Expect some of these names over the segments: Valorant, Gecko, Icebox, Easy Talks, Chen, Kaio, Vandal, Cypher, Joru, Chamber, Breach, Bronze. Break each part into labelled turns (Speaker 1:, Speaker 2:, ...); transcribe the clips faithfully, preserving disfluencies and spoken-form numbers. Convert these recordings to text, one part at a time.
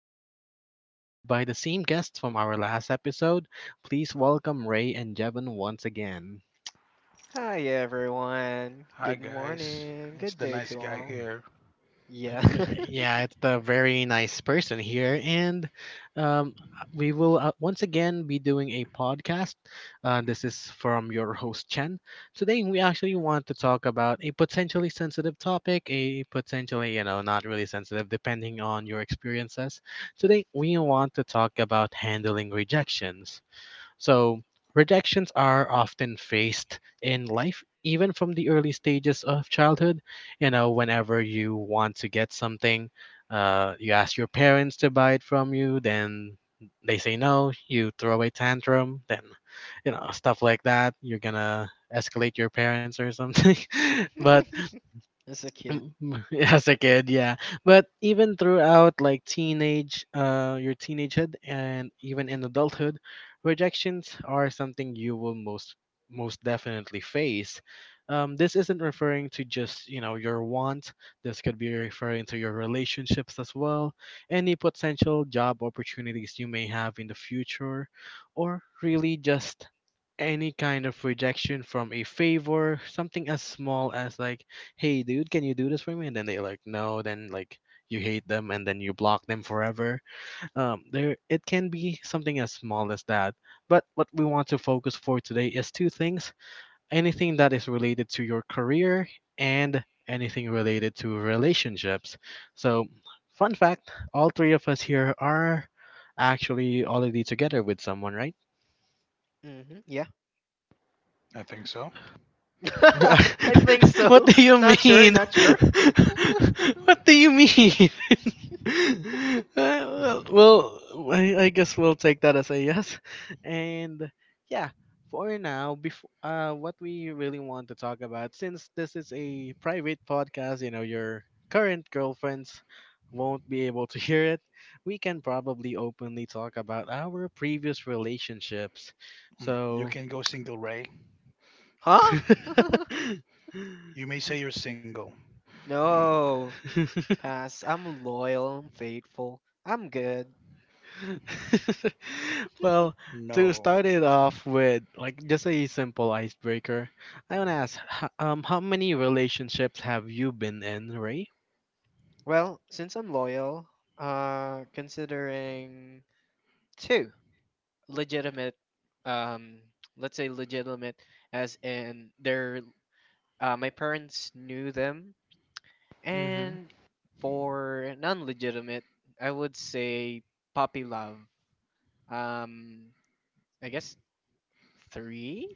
Speaker 1: are actually visited by the same guests from our last episode. Please welcome Ray and Jevon once again.
Speaker 2: Hi everyone. Good
Speaker 3: Hi guys,
Speaker 2: morning. Good
Speaker 3: it's the
Speaker 2: day to
Speaker 3: nice guy
Speaker 2: all.
Speaker 3: here.
Speaker 2: Yeah.
Speaker 1: Yeah, it's a very nice person here, and um, we will uh, once again be doing a podcast. Uh, this is from your host Chen. Today, we actually want to talk about a potentially sensitive topic, a potentially you know not really sensitive, depending on your experiences. Today, we want to talk about handling rejections. So, rejections are often faced in life, even from the early stages of childhood. You know, whenever you want to get something, uh, you ask your parents to buy it from you, then they say no, you throw a tantrum, then, you know, stuff like that. You're gonna escalate your parents or something. But.
Speaker 2: As a kid.
Speaker 1: As a kid, yeah. But even throughout, like, teenage, uh, your teenagehood and even in adulthood, rejections are something you will most most definitely face. Um, this isn't referring to just, you know, your want. This could be referring to your relationships as well, any potential job opportunities you may have in the future, or really just any kind of rejection from a favor, something as small as like, hey dude, can you do this for me? And then they like, no, then like you hate them and then you block them forever. Um there, it can be something as small as that. But what we want to focus for today is two things: anything that is related to your career, and anything related to relationships. So, fun fact, all three of us here are actually already together with someone, right?
Speaker 2: hmm Yeah.
Speaker 3: I think so.
Speaker 2: I think
Speaker 1: What
Speaker 2: so.
Speaker 1: do you
Speaker 2: Not sure,
Speaker 1: mean?
Speaker 2: not sure.
Speaker 1: What do you mean? Uh,
Speaker 3: Mm,
Speaker 1: well, I, I guess we'll take that as a yes. And yeah, for now, before uh, what we really want to talk about, since this is a private podcast, you know, your current girlfriends won't be able to hear it. We can probably openly talk about our previous relationships.
Speaker 3: mm. You
Speaker 1: So.
Speaker 3: can go single, Ray.
Speaker 2: Huh?
Speaker 3: You may say you're single.
Speaker 2: no. Pass. I'm loyal, I'm faithful. I'm good.
Speaker 1: Well, to
Speaker 3: No,
Speaker 1: start it off with, like just a simple icebreaker, I want to ask, h- um, how many relationships have you been in, Ray?
Speaker 2: Well, since I'm loyal, uh considering two. legitimate um let's say legitimate, as in their, uh, my parents knew them.
Speaker 1: Mm-hmm.
Speaker 2: And for non-legitimate, I would say puppy love. um I guess three.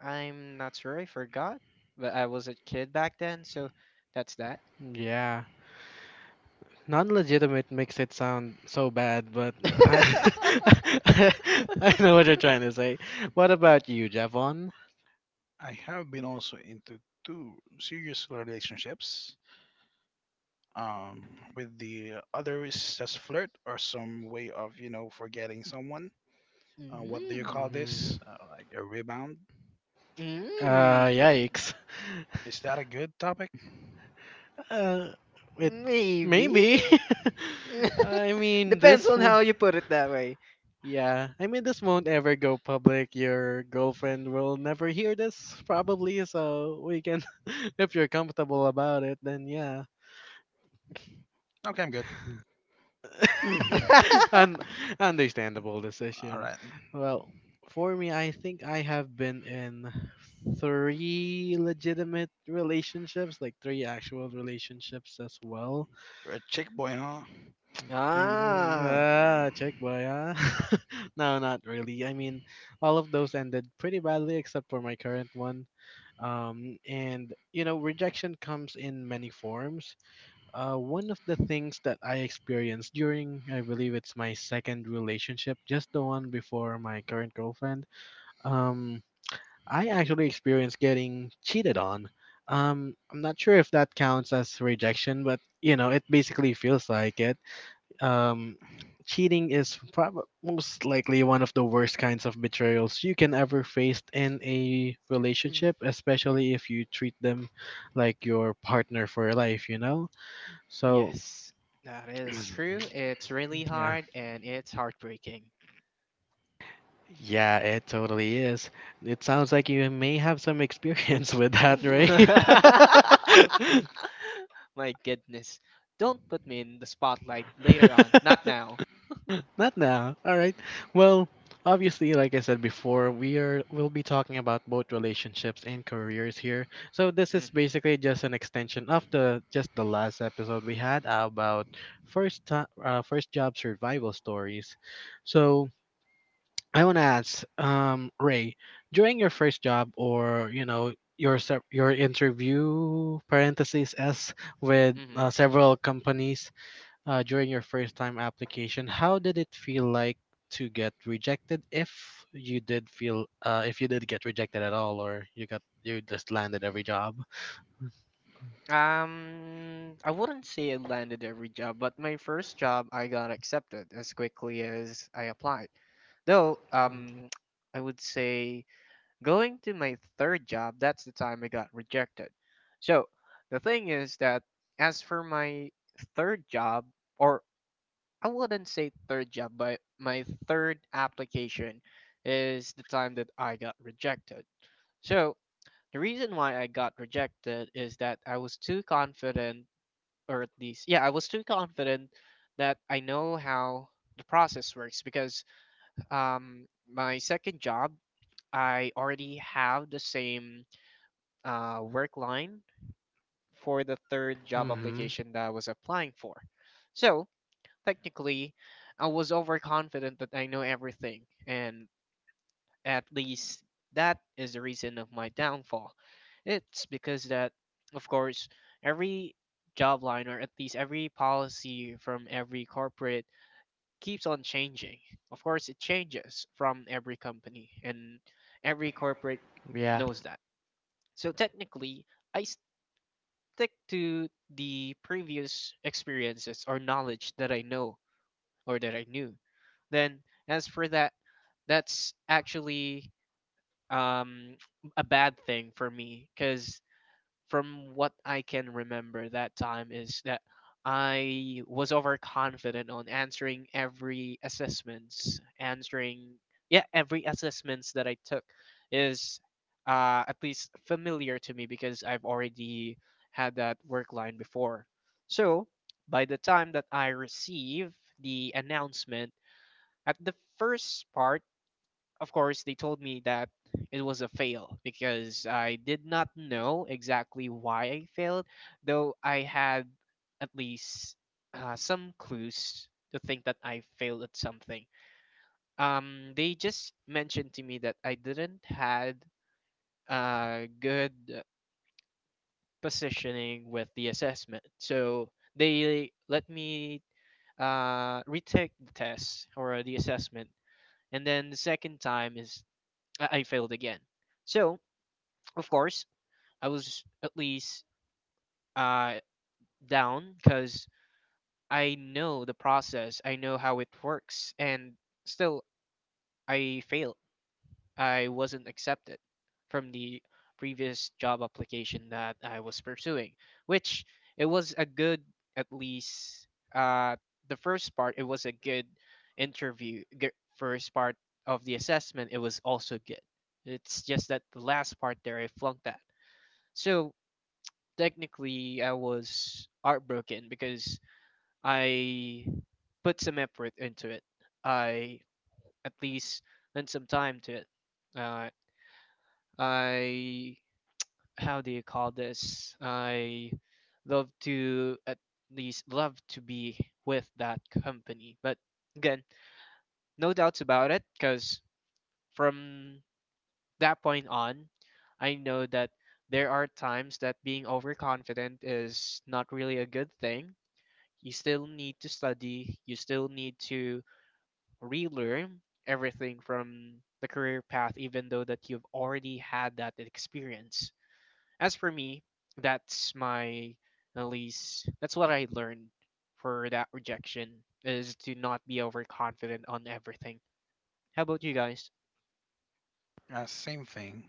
Speaker 2: I'm not sure, I forgot, but I was a kid back then, so that's that.
Speaker 1: Yeah. Non-legitimate makes it sound so bad, but I, I know what you're trying to say. What about you, Javon?
Speaker 3: I have been also into two serious relationships. Um, with the other is just flirt or some way of you know forgetting someone. Uh, what do you
Speaker 2: Mm.
Speaker 3: call
Speaker 1: Mm-hmm.
Speaker 3: this? Uh, like a rebound?
Speaker 1: Uh,
Speaker 2: Mm.
Speaker 1: yikes.
Speaker 3: Is that a good topic?
Speaker 1: Uh, it
Speaker 2: Maybe.
Speaker 1: Maybe. I mean,
Speaker 2: Depends
Speaker 1: this.
Speaker 2: on
Speaker 1: w-
Speaker 2: how you put it that way.
Speaker 1: Yeah, I mean, this won't ever go public. Your girlfriend will never hear this, probably. So we can, if you're comfortable about it, then yeah,
Speaker 3: Okay, I'm good. Hmm.
Speaker 1: an understandable
Speaker 3: All
Speaker 1: decision.
Speaker 3: right,
Speaker 1: Well, for me, I think I have been in three legitimate relationships, like three actual relationships as well.
Speaker 3: you're a chick boy, huh?
Speaker 2: Ah.
Speaker 3: Mm-hmm.
Speaker 1: Ah, check boy, huh? No, not really. I mean, all of those ended pretty badly except for my current one. Um, and you know, rejection comes in many forms. Uh, one of the things that I experienced during, I believe it's my second relationship, just the one before my current girlfriend. Um, I actually experienced getting cheated on. Um, I'm not sure if that counts as rejection, but you know, it basically feels like it. um, Cheating is prob- most likely one of the worst kinds of betrayals you can ever face in a relationship,
Speaker 2: Mhm.
Speaker 1: especially if you treat them like your partner for life, you know? So,
Speaker 2: Yes. That is true. It's really
Speaker 1: yeah.
Speaker 2: hard and it's heartbreaking.
Speaker 1: Yeah, it totally is. It sounds like you may have some experience with that, right?
Speaker 2: My goodness. Don't put me in the spotlight later on. Not now.
Speaker 1: Not now. All right. Well, obviously, like I said before, we are we'll be talking about both relationships and careers here. So this is
Speaker 2: Mm-hmm.
Speaker 1: basically just an extension of the just the last episode we had about first time uh, first job survival stories. So I want to ask, um, Ray, during your first job, or you know your se- your interview parentheses s with uh,
Speaker 2: Mm-hmm.
Speaker 1: several companies, uh, during your first time application, how did it feel like to get rejected? If you did feel, uh, if you did get rejected at all, or you got you just landed every job.
Speaker 2: Um, I wouldn't say I landed every job, but my first job I got accepted as quickly as I applied. Though, um, I would say going to my third job, that's the time I got rejected. So the thing is that, as for my third job, or I wouldn't say third job, but my third application is the time that I got rejected. So the reason why I got rejected is that I was too confident, or at least, yeah, I was too confident that I know how the process works because um, my second job, I already have the same uh, work line for the third job
Speaker 1: Mm-hmm.
Speaker 2: application that I was applying for. So technically, I was overconfident that I know everything, and at least that is the reason of my downfall. It's because that, of course, every job line, or at least every policy from every corporate, keeps on changing. Of course, it changes from every company, and every corporate
Speaker 1: Yeah.
Speaker 2: knows that. So technically, I stick to the previous experiences or knowledge that I know, or that I knew. Then, as for that, that's actually um, a bad thing for me because from what I can remember that time is that I was overconfident on answering every assessments, answering, yeah, every assessments that I took is uh, at least familiar to me because I've already had that work line before. So by the time that I receive the announcement at the first part, of course, they told me that it was a fail because I did not know exactly why I failed, though I had at least uh, some clues to think that I failed at something. Um, they just mentioned to me that I didn't had uh, good positioning with the assessment, so they let me uh, retake the test or the assessment, and then the second time is I I failed again. So Of course, I was at least uh, down because I know the process, I know how it works, and still I failed. I wasn't accepted from the previous job application that I was pursuing, which it was a good, at least uh, the first part, it was a good interview. G- first part of the assessment, it was also good. It's just that the last part there, I flunked that. So technically I was heartbroken because I put some effort into it. I at least lent some time to it. Uh, I How do you call this? I love to at least love to be with that company. But again, no doubts about it because from that point on, I know that there are times that being overconfident is not really a good thing. You still need to study, you still need to relearn everything from the career path, even though that you've already had that experience. As for me, that's my, at least that's what I learned, for that rejection is to not be overconfident on everything. How about you guys?
Speaker 3: Uh, same thing.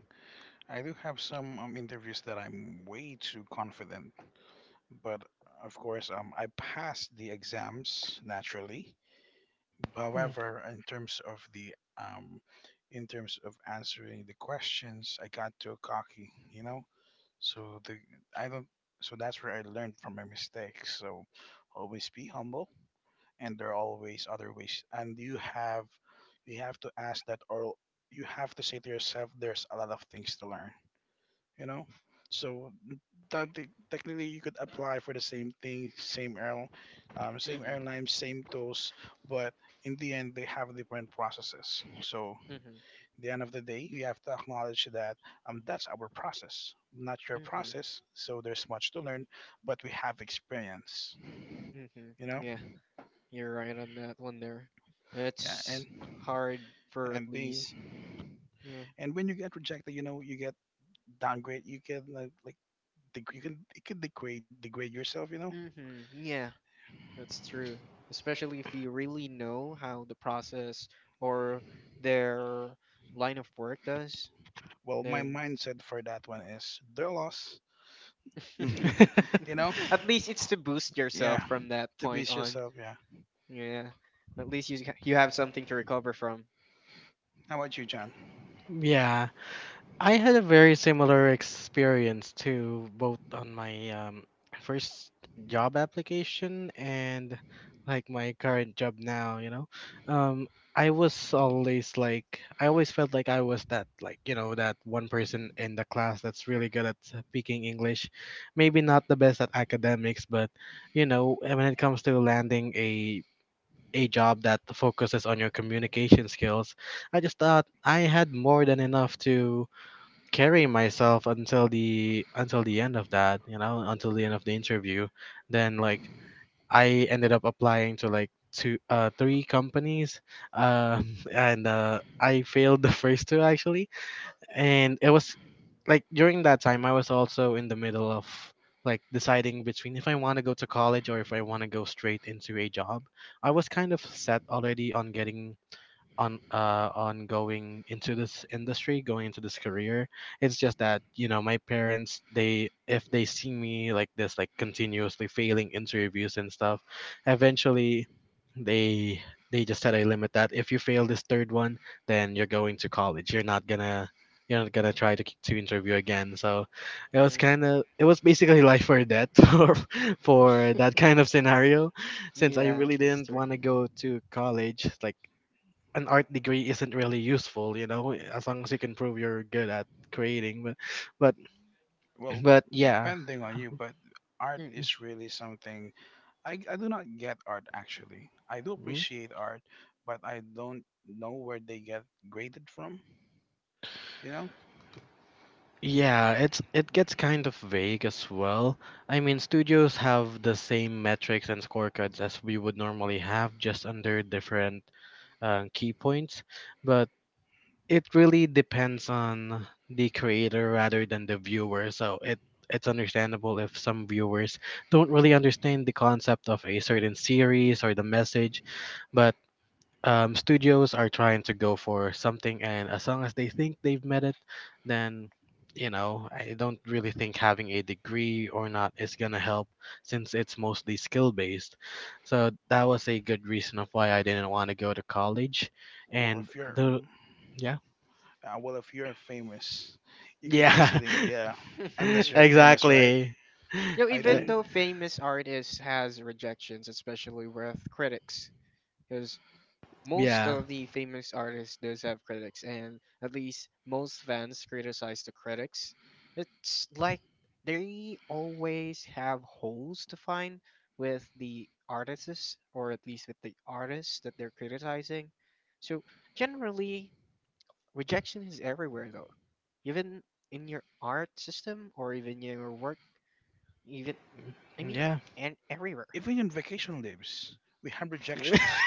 Speaker 3: I do have some um, interviews that I'm way too confident, but of course, um, I passed the exams naturally. However, in terms of the um, in terms of answering the questions, I got too cocky, you know. So the I don't. So that's where I learned from my mistakes. So always be humble, and there are always other ways. And you have you have to ask that, or you have to say to yourself, "There's a lot of things to learn." you know. So that te- technically you could apply for the same thing, same airline, um, same
Speaker 2: Mhm.
Speaker 3: airline, same tools, but in the end they have different processes. So
Speaker 2: Mhm.
Speaker 3: the end of the day, we have to acknowledge that um, that's our process, not your
Speaker 2: Mhm.
Speaker 3: process. So there's much to learn, but we have experience,
Speaker 2: Mhm.
Speaker 3: you know.
Speaker 2: Yeah, you're right on that one there.
Speaker 3: Yeah,
Speaker 2: It's
Speaker 3: and
Speaker 2: hard for at
Speaker 3: and being
Speaker 2: least, yeah.
Speaker 3: and when you get rejected, you know, you get downgrade, you get like like deg- you can it could degrade degrade yourself, you know.
Speaker 2: Mhm. Yeah. That's true, especially if you really know how the process or their line of work does,
Speaker 3: Well, my
Speaker 2: then
Speaker 3: mindset for that one is their loss. you
Speaker 1: Mm.
Speaker 3: know?
Speaker 2: at least it's to boost yourself
Speaker 3: Yeah.
Speaker 2: from that
Speaker 3: To be
Speaker 2: point on.
Speaker 3: yourself, yeah.
Speaker 2: Yeah, at least you ca- you have something to recover from.
Speaker 3: How about you, John?
Speaker 1: Yeah. I had a very similar experience to both on my um, first job application and like my current job now, you know. Um, I was always like, I always felt like I was that, like, you know, that one person in the class that's really good at speaking English. Maybe not the best at academics, but, you know, when it comes to landing a a job that focuses on your communication skills, I just thought I had more than enough to carry myself until the until the end of that, you know until the end of the interview. Then, like, I ended up applying to like two, uh three companies, um and uh I failed the first two, actually. And it was, like, during that time, I was also in the middle of, like, deciding between if I want to go to college or if I want to go straight into a job. I was kind of set already on getting on uh on going into this industry, going into this career. It's just that, you know my parents, they if they see me like this, like, continuously failing interviews and stuff, eventually, they they just set a limit that if you fail this third one, then you're going to college. You're not gonna you're not gonna try to k- to interview again. So it was kind
Speaker 2: Mm.
Speaker 1: of it was basically life or death for for that kind of scenario, since I
Speaker 2: Yeah,
Speaker 1: really
Speaker 2: that's
Speaker 1: didn't
Speaker 2: true.
Speaker 1: want to go to college. Like, an art degree isn't really useful, you know, as long as you can prove you're good at creating. But but
Speaker 3: Well,
Speaker 1: but yeah.
Speaker 3: depending on you, but art
Speaker 2: Mm.
Speaker 3: is really something. I, I do not get art actually. I do
Speaker 1: Mhm.
Speaker 3: appreciate art, but I don't know where they get graded from, you know?
Speaker 1: Yeah, it's it gets kind of vague as well. I mean, studios have the same metrics and scorecards as we would normally have, just under different uh, key points. But it really depends on the creator rather than the viewer. So it it's understandable if some viewers don't really understand the concept of a certain series or the message, but um, studios are trying to go for something, and as long as they think they've met it, then you know I don't really think having a degree or not is gonna help, since it's mostly skill based. So that was a good reason of why I didn't want to go to college,
Speaker 3: Well,
Speaker 1: and
Speaker 3: if you're
Speaker 1: the yeah.
Speaker 3: uh, well, if you're famous, you could
Speaker 1: Yeah,
Speaker 3: easily, yeah, unless you're famous, right?
Speaker 1: exactly.
Speaker 2: You know,
Speaker 3: I
Speaker 1: Uh,
Speaker 2: even
Speaker 3: do.
Speaker 2: though famous artists has rejections, especially with critics, because most
Speaker 1: yeah,
Speaker 2: of the famous artists does have critics, and at least most fans criticize the critics. It's like they always have holes to find with the artists, or at least with the artists that they're criticizing. So generally, rejection is everywhere, though. Even in your art system, or even your work, even, I mean,
Speaker 1: yeah.
Speaker 2: and everywhere.
Speaker 3: Even in vacation leaves, we have rejections.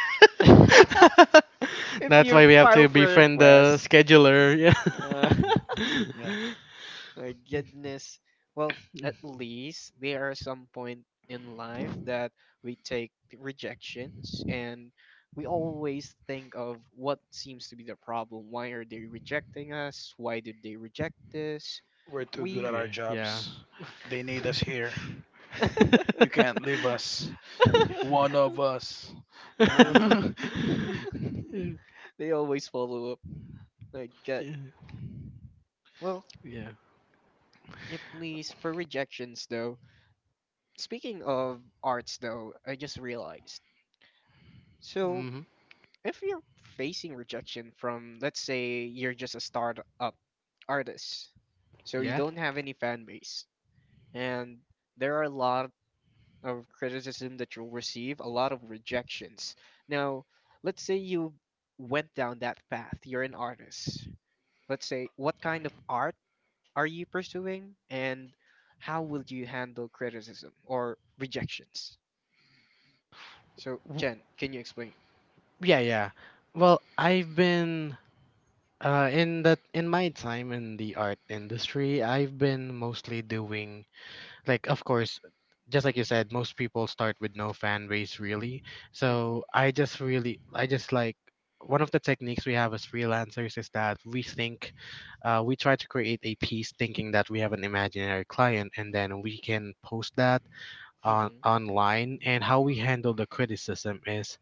Speaker 2: If
Speaker 1: That's
Speaker 2: you
Speaker 1: why we have
Speaker 2: file
Speaker 1: to
Speaker 2: for a
Speaker 1: befriend the
Speaker 2: request.
Speaker 1: scheduler. Yeah.
Speaker 2: Uh,
Speaker 3: Mm, yeah,
Speaker 2: My goodness. Well, at least there are some point in life that we take rejections and we always think of what seems to be the problem. Why are they rejecting us? Why did they reject this?
Speaker 3: we're too good
Speaker 2: We
Speaker 3: at
Speaker 1: Yeah.
Speaker 3: our
Speaker 1: Yeah.
Speaker 3: jobs. They need us here. You can't leave us. One of us.
Speaker 2: well,
Speaker 3: Yeah.
Speaker 2: n- they always follow up. Like God.
Speaker 1: Yeah.
Speaker 2: Well,
Speaker 1: Yeah.
Speaker 2: at least for rejections though. Speaking of arts though, I just realized. So
Speaker 1: Hmm.
Speaker 2: if you're facing rejection from, let's say, you're just a startup artist, so you
Speaker 1: Yeah.
Speaker 2: don't have any fan base, and there are a lot of criticism that you'll receive, a lot of rejections. Now, let's say you went down that path, you're an artist. Let's say, what kind of art are you pursuing, and how will you handle criticism or rejections? So, Jen, can you explain?
Speaker 1: Yeah. Yeah. Well, I've been uh, in that in my time in the art industry, I've been mostly doing, like, of course, just like you said, most people start with no fan base, really.
Speaker 2: Hmm.
Speaker 1: So I just really I just like, one of the techniques we have as freelancers is that we think, uh, we try to create a piece thinking that we have an imaginary client, and then we can post that on
Speaker 2: Hmm.
Speaker 1: online. And how we handle the criticism is,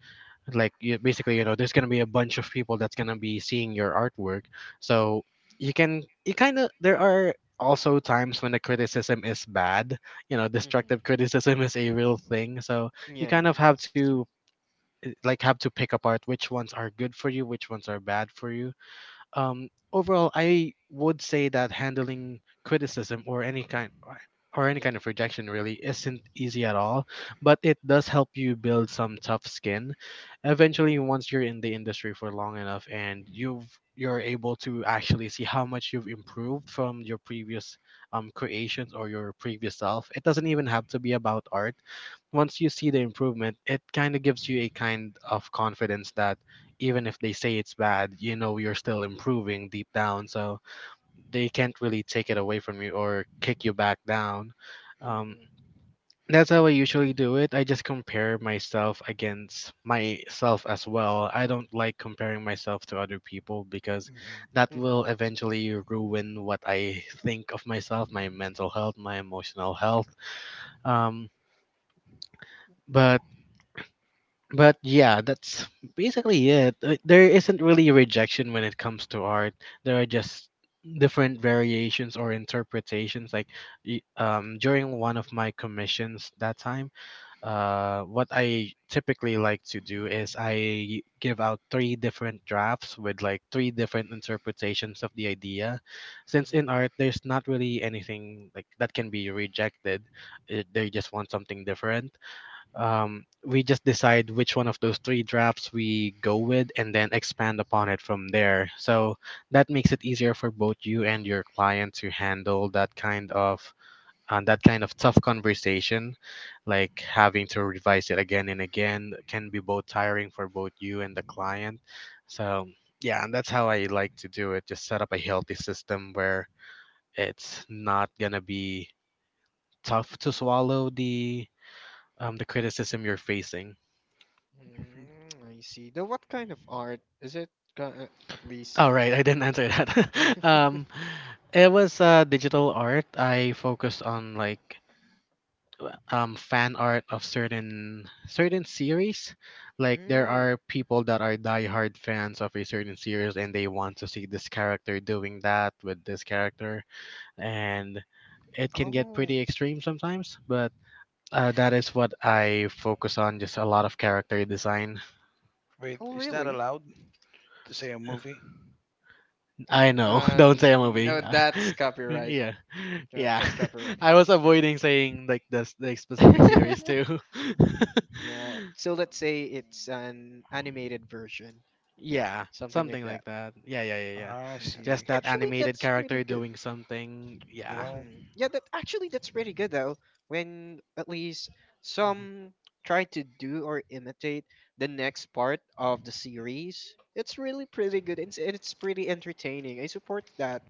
Speaker 1: like, you, basically, you know there's gonna be a bunch of people that's gonna be seeing your artwork. So you can you kind of there are also times when the criticism is bad, you know
Speaker 2: Hmm.
Speaker 1: destructive criticism is a real thing. So you
Speaker 2: Yeah,
Speaker 1: kind of have
Speaker 2: that's true.
Speaker 1: to like have to pick apart which ones are good for you, which ones are bad for you. Um, overall, I would say that handling criticism or any kind or any kind of rejection really isn't easy at all, but it does help you build some tough skin. Eventually, once you're in the industry for long enough and you've you're able to actually see how much you've improved from your previous um, creations or your previous self. It doesn't even have to be about art. Once you see the improvement, it kind of gives you a kind of confidence that even if they say it's bad, you know you're still improving deep down. So they can't really take it away from you or kick you back down. Um,
Speaker 2: Mhm.
Speaker 1: that's how I usually do it. I just compare myself against myself as well. I don't like comparing myself to other people, because that
Speaker 2: Mhm.
Speaker 1: will eventually ruin what I think of myself, my mental health, my emotional health. Um, but but yeah, that's basically it. Uh, There isn't really rejection when it comes to art. There are just different variations or interpretations. Like, y- um, during one of my commissions that time, uh, what I typically like to do is I give out three different drafts with like three different interpretations of the idea. Since in
Speaker 2: Mhm.
Speaker 1: art, there's not really anything like that can be rejected. It, they just want something different. Um, we just decide which one of those three drafts we go with and then expand upon it from there. So that makes it easier for both you and your client to handle that kind of uh, that kind of tough conversation. Like having to revise it again and again can be both tiring for both you and the client. So yeah, and that's how I like to do it. Just set up a healthy system where it's not gonna be tough to swallow the um, the criticism you're facing.
Speaker 3: Mhm.
Speaker 2: Mm, I see. The What kind of art is it? Ki- Uh, at least.
Speaker 1: All right, I didn't answer that. um, it was uh, digital art. I focused on like w- um, fan art of certain certain series. Like there
Speaker 2: Mm.
Speaker 1: are people that are diehard fans of a certain series, and they want to see this character doing that with this character, and it can get
Speaker 2: Oh.
Speaker 1: pretty extreme sometimes. But uh, that is what I focus on, just a lot of character design.
Speaker 3: Wait,
Speaker 2: Oh,
Speaker 3: is that
Speaker 2: really?
Speaker 3: allowed to say a movie?
Speaker 1: I know.
Speaker 2: Uh,
Speaker 1: Don't say a movie.
Speaker 2: no, that's copyright.
Speaker 1: Yeah,
Speaker 2: Yeah,
Speaker 1: yeah.
Speaker 2: that's copyright.
Speaker 1: I was avoiding saying like the s- the specific series too.
Speaker 2: Yeah. So let's say it's an animated version,
Speaker 1: Yeah,
Speaker 2: something like
Speaker 1: something
Speaker 2: that.
Speaker 1: like that. Yeah, yeah, yeah, yeah.
Speaker 3: I
Speaker 2: Yeah.
Speaker 1: Just
Speaker 3: see.
Speaker 1: that
Speaker 2: Actually,
Speaker 1: animated
Speaker 2: that's pretty
Speaker 1: character
Speaker 2: good.
Speaker 1: doing something. Yeah.
Speaker 3: Well,
Speaker 2: Mhm. Yeah, that actually, that's pretty good though. When at least
Speaker 1: Mhm.
Speaker 2: some try to do or imitate the next part of the series, it's really pretty good, and it's, and it's pretty entertaining. I support that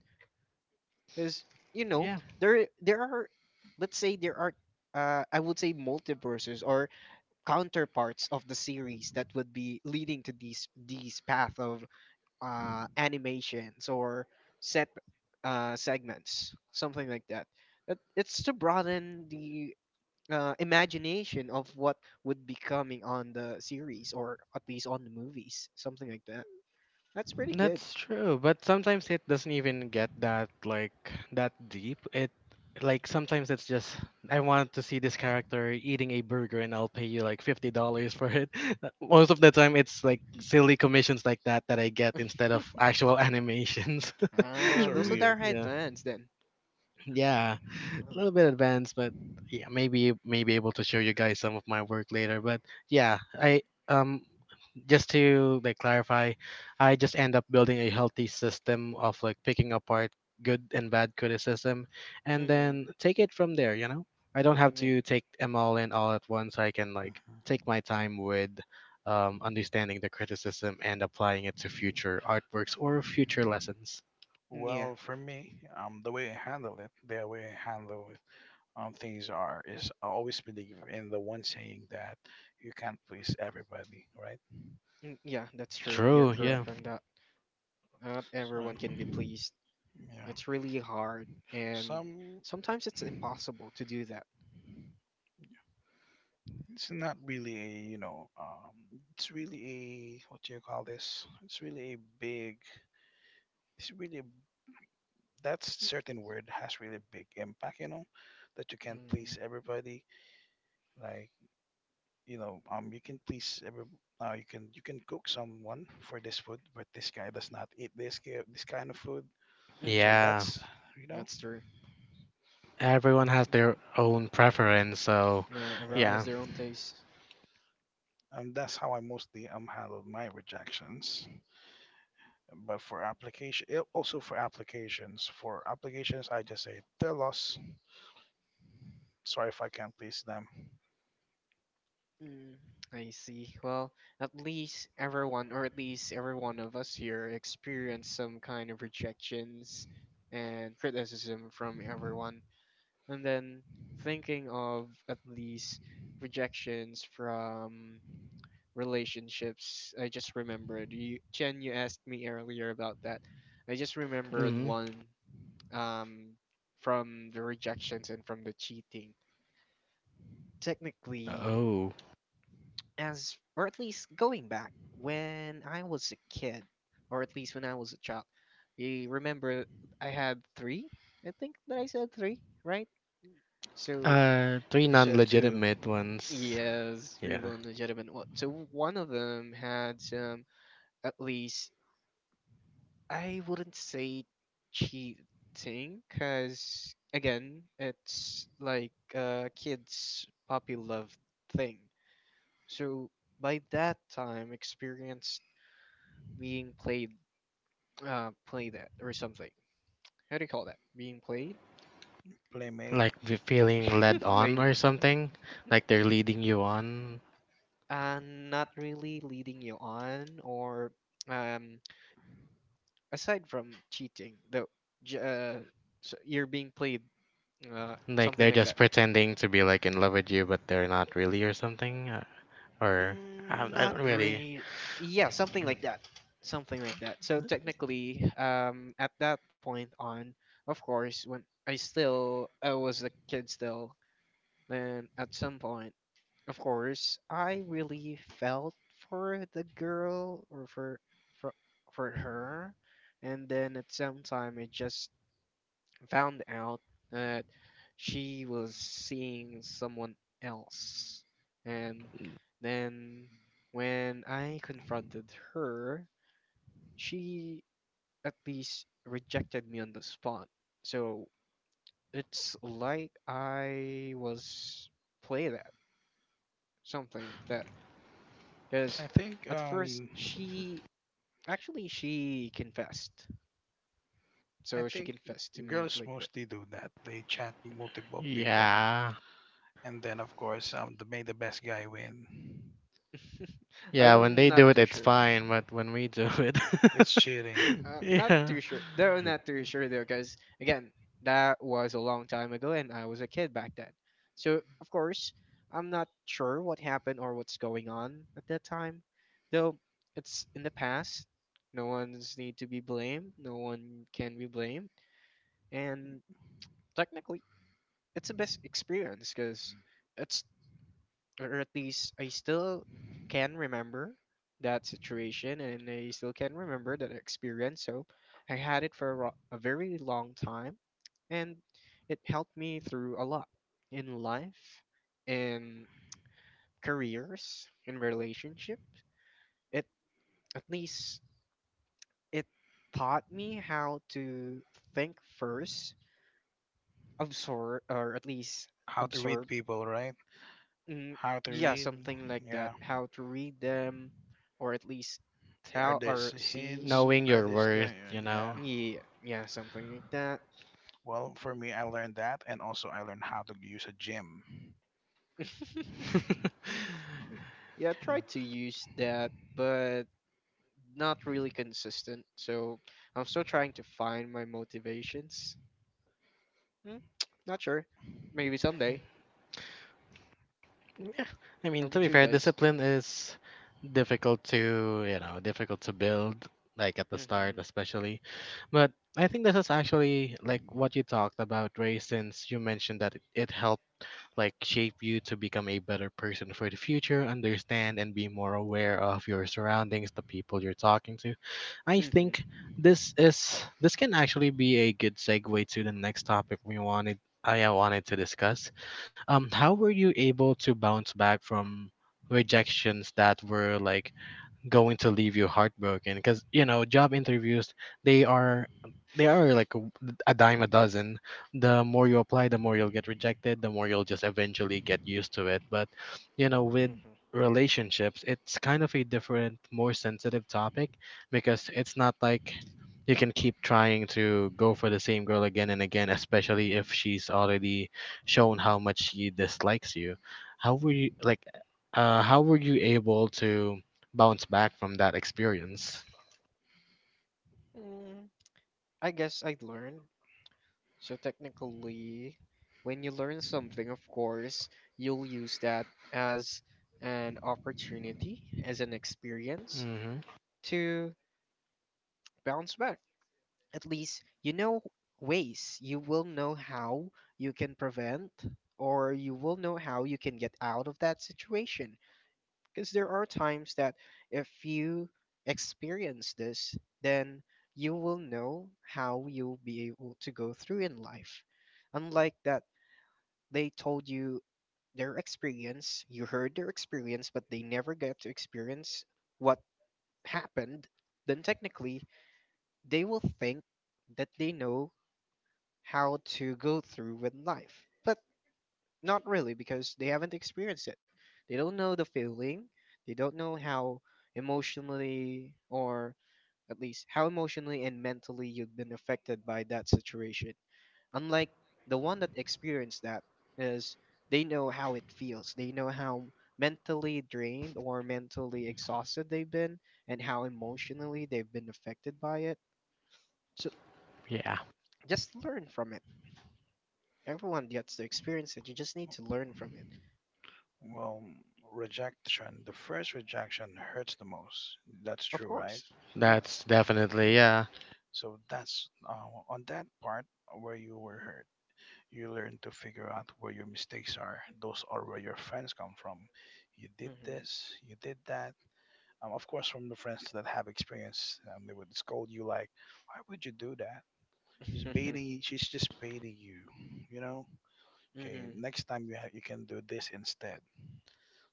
Speaker 2: because you know
Speaker 1: Yeah.
Speaker 2: there there are, let's say, there are, uh, I would say, multiverses or counterparts of the series that would be leading to these these path of uh, animations, or set uh, segments, something like that. That it's to broaden the uh, imagination of what would be coming on the series, or at least on the movies, something like that. That's pretty good.
Speaker 1: That's true, but sometimes it doesn't even get that like that deep. It like sometimes it's just I want to see this character eating a burger and I'll pay you like fifty dollars for it. Most of the time it's like silly commissions like that that I get instead of actual animations.
Speaker 3: those
Speaker 2: Ah,
Speaker 3: are
Speaker 2: those are
Speaker 3: weird.
Speaker 2: their
Speaker 1: Yeah.
Speaker 2: headbands then.
Speaker 1: Yeah. A
Speaker 2: Uh,
Speaker 1: little bit advanced, but yeah, maybe may be able to show you guys some of my work later. But yeah, I um just to like clarify, I just end up building a healthy system of like picking apart good and bad criticism and
Speaker 2: mm-hmm.
Speaker 1: then take it from there, you know? I don't have
Speaker 2: Yeah,
Speaker 1: to take them all in all at once. I can like take my time with um, understanding the criticism and applying it to future artworks or future lessons.
Speaker 2: mm, yeah,
Speaker 3: Well, for me, um, the way I handle it, the way I handle um, things are is I always believe in the one saying that you can't please everybody, right?
Speaker 2: mm, yeah. That's true. You're
Speaker 1: True, yeah.
Speaker 2: correct on that. Not
Speaker 3: So
Speaker 2: everyone can be pleased.
Speaker 3: yeah,
Speaker 2: It's really hard, and
Speaker 3: some
Speaker 2: sometimes it's impossible to do that.
Speaker 3: it's not really a you know um, it's really a what do you call this? It's really a big. It's really that certain word has really big impact. You know that you can't please
Speaker 2: Mm.
Speaker 3: everybody. Like you know um you can please every. Uh, you can you can cook someone for this food, but this guy does not eat this ki- this kind of food. So
Speaker 2: Mm-hmm.
Speaker 1: Yeah.
Speaker 3: that's you know,
Speaker 2: That's true.
Speaker 1: Everyone has their own preference, so
Speaker 2: Yeah, everyone
Speaker 3: yeah,
Speaker 1: yeah.
Speaker 2: has their own taste.
Speaker 3: and that's how I mostly um handled my rejections. But for application, it- also for applications, for applications, I just say they're lost. Sorry if I can't please them.
Speaker 2: Mm, I see. Well, at least everyone, or at least every one of us here, experienced some kind of rejections and criticism from everyone. And then thinking of at least rejections from relationships, I just remembered. You, Chen. you asked me earlier about that. I just remembered
Speaker 1: Mm.
Speaker 2: one, um, from the rejections and from the cheating. Technically,
Speaker 1: Oh.
Speaker 2: as or at least going back when I was a kid, or at least when I was a child. You remember I had three? I think that I said three, right? So
Speaker 1: Uh, three
Speaker 3: You
Speaker 1: non
Speaker 3: said to
Speaker 1: legitimate ones.
Speaker 2: yes,
Speaker 1: Yeah.
Speaker 2: three long legitimate one. So one of them had some, at least I wouldn't say cheating, cause again, it's like a kids puppy love thing. So by that time, experienced being played, uh play that or something. How do you call that? Being played?
Speaker 3: playmate.
Speaker 1: Like the feeling led on or
Speaker 2: Blame
Speaker 3: Mm,
Speaker 1: something, like they're
Speaker 2: it.
Speaker 1: leading you on,
Speaker 2: Uh, not really leading you on, or um, aside from cheating, though, j- uh, so you're being played, uh,
Speaker 1: like
Speaker 2: something
Speaker 1: they're
Speaker 2: like
Speaker 1: just
Speaker 2: that.
Speaker 1: pretending to be like in love with you but they're not really or something, uh, or I,
Speaker 2: Mm,
Speaker 1: I
Speaker 2: not
Speaker 1: don't really,
Speaker 2: really. Yeah, something like that. Something like that. So technically, um, at that point on, of course, when I still I was a kid still, And at some point, of course, I really felt for the girl, or for for for her. And then at some time, I just found out that she was seeing someone else. And then when I confronted her, she at least rejected me on the spot. So it's like I was played, something like that, because
Speaker 3: I think
Speaker 2: at first
Speaker 3: um,
Speaker 2: she, actually, she confessed,
Speaker 3: I
Speaker 2: so she
Speaker 3: think
Speaker 2: confessed to me
Speaker 3: girls
Speaker 2: like that.
Speaker 3: mostly do that. They chat multiple people,
Speaker 1: yeah.
Speaker 3: and then of course um, the may the best guy win.
Speaker 1: Yeah, when
Speaker 2: I'm
Speaker 1: they do
Speaker 2: not
Speaker 1: it
Speaker 2: too
Speaker 1: it's
Speaker 2: sure.
Speaker 1: fine, but when we do it
Speaker 3: It's cheating.
Speaker 2: uh, not
Speaker 1: yeah,
Speaker 2: too sure though not too sure though because again that was a long time ago and I was a kid back then, so of course I'm not sure what happened or what's going on at that time. Though it's in the past, no one's need to be blamed, no one can be blamed, and technically it's the best experience because it's, or at least I still can remember that situation, and I still can remember that experience. So I had it for a, ro- a very long time, and it helped me through a lot in life, in careers, in relationship. It, at least it taught me how to think first, absorb, or at least
Speaker 3: How to read
Speaker 2: absorb.
Speaker 3: people, right?
Speaker 2: Mm,
Speaker 3: How to
Speaker 2: yeah,
Speaker 3: read?
Speaker 2: something like
Speaker 3: Yeah.
Speaker 2: that. How to read them, or at least
Speaker 3: Are
Speaker 2: tell
Speaker 3: these
Speaker 2: or
Speaker 3: hints?
Speaker 2: see.
Speaker 1: knowing
Speaker 3: Are
Speaker 1: your
Speaker 3: these Yeah,
Speaker 1: worth,
Speaker 3: yeah,
Speaker 1: you know.
Speaker 3: yeah.
Speaker 2: Yeah, yeah, something like that.
Speaker 3: Well, for
Speaker 2: Mm.
Speaker 3: me, I learned that, and also I learned how to use a gym.
Speaker 2: Yeah, I
Speaker 1: No.
Speaker 2: try to use that, but not really consistent. So I'm still trying to find my motivations. Mm, Not sure. Maybe someday.
Speaker 1: Yeah, I
Speaker 2: How
Speaker 1: mean, to
Speaker 2: about
Speaker 1: be
Speaker 2: you
Speaker 1: fair,
Speaker 2: guys?
Speaker 1: discipline is difficult to, you know, difficult to build, like at the
Speaker 2: Mm-hmm.
Speaker 1: start, especially. But I think this is actually like what you talked about, Ray, since you mentioned that it, it helped like shape you to become a better person for the future, understand and be more aware of your surroundings, the people you're talking to. I
Speaker 2: Mm-hmm.
Speaker 1: think this is this can actually be a good segue to the next topic we wanted I uh, wanted to discuss, um, how were you able to bounce back from rejections that were like going to leave you heartbroken? Because you know job interviews, they are they are like a a dime a dozen. The more you apply, the more you'll get rejected, the more you'll just eventually get used to it. But you know, with
Speaker 2: Mm-hmm.
Speaker 1: relationships, it's kind of a different, more sensitive topic, because it's not like you can keep trying to go for the same girl again and again, especially if she's already shown how much she dislikes you. How were you like uh how were you able to bounce back from that experience?
Speaker 2: Mm, I guess I learned. So technically, when you learn something, of course, you'll use that as an opportunity, as an experience
Speaker 1: Hmm.
Speaker 2: to bounce back. At least you know ways. You will know how you can prevent, or you will know how you can get out of that situation. Because there are times that if you experience this, then you will know how you'll be able to go through in life. Unlike that, they told you their experience, you heard their experience, but they never get to experience what happened, then technically they will think that they know how to go through with life. But not really, because they haven't experienced it. They don't know the feeling, they don't know how emotionally, or at least how emotionally and mentally you've been affected by that situation. Unlike the one that experienced that, is they know how it feels, they know how mentally drained or mentally exhausted they've been, and how emotionally they've been affected by it. So
Speaker 1: Yeah,
Speaker 2: just learn from it. Everyone gets to experience it, you just need to learn from it.
Speaker 3: Well, rejection. The first rejection hurts the most. That's
Speaker 2: Of
Speaker 3: true, right?
Speaker 2: course.
Speaker 1: that's
Speaker 2: Yes.
Speaker 3: Mm.
Speaker 1: definitely, yeah.
Speaker 3: So that's uh, on that part where you were hurt. You learn to figure out where your mistakes are. Those are where your friends come from. You did
Speaker 2: Mm-hmm.
Speaker 3: this, you did that. Um, of course, from the friends that have experience, um, they would scold you like, "Why would you do that? She's baiting. She's just baiting you. You know. Okay.
Speaker 2: Mm-hmm.
Speaker 3: Next time you ha- you can do this instead."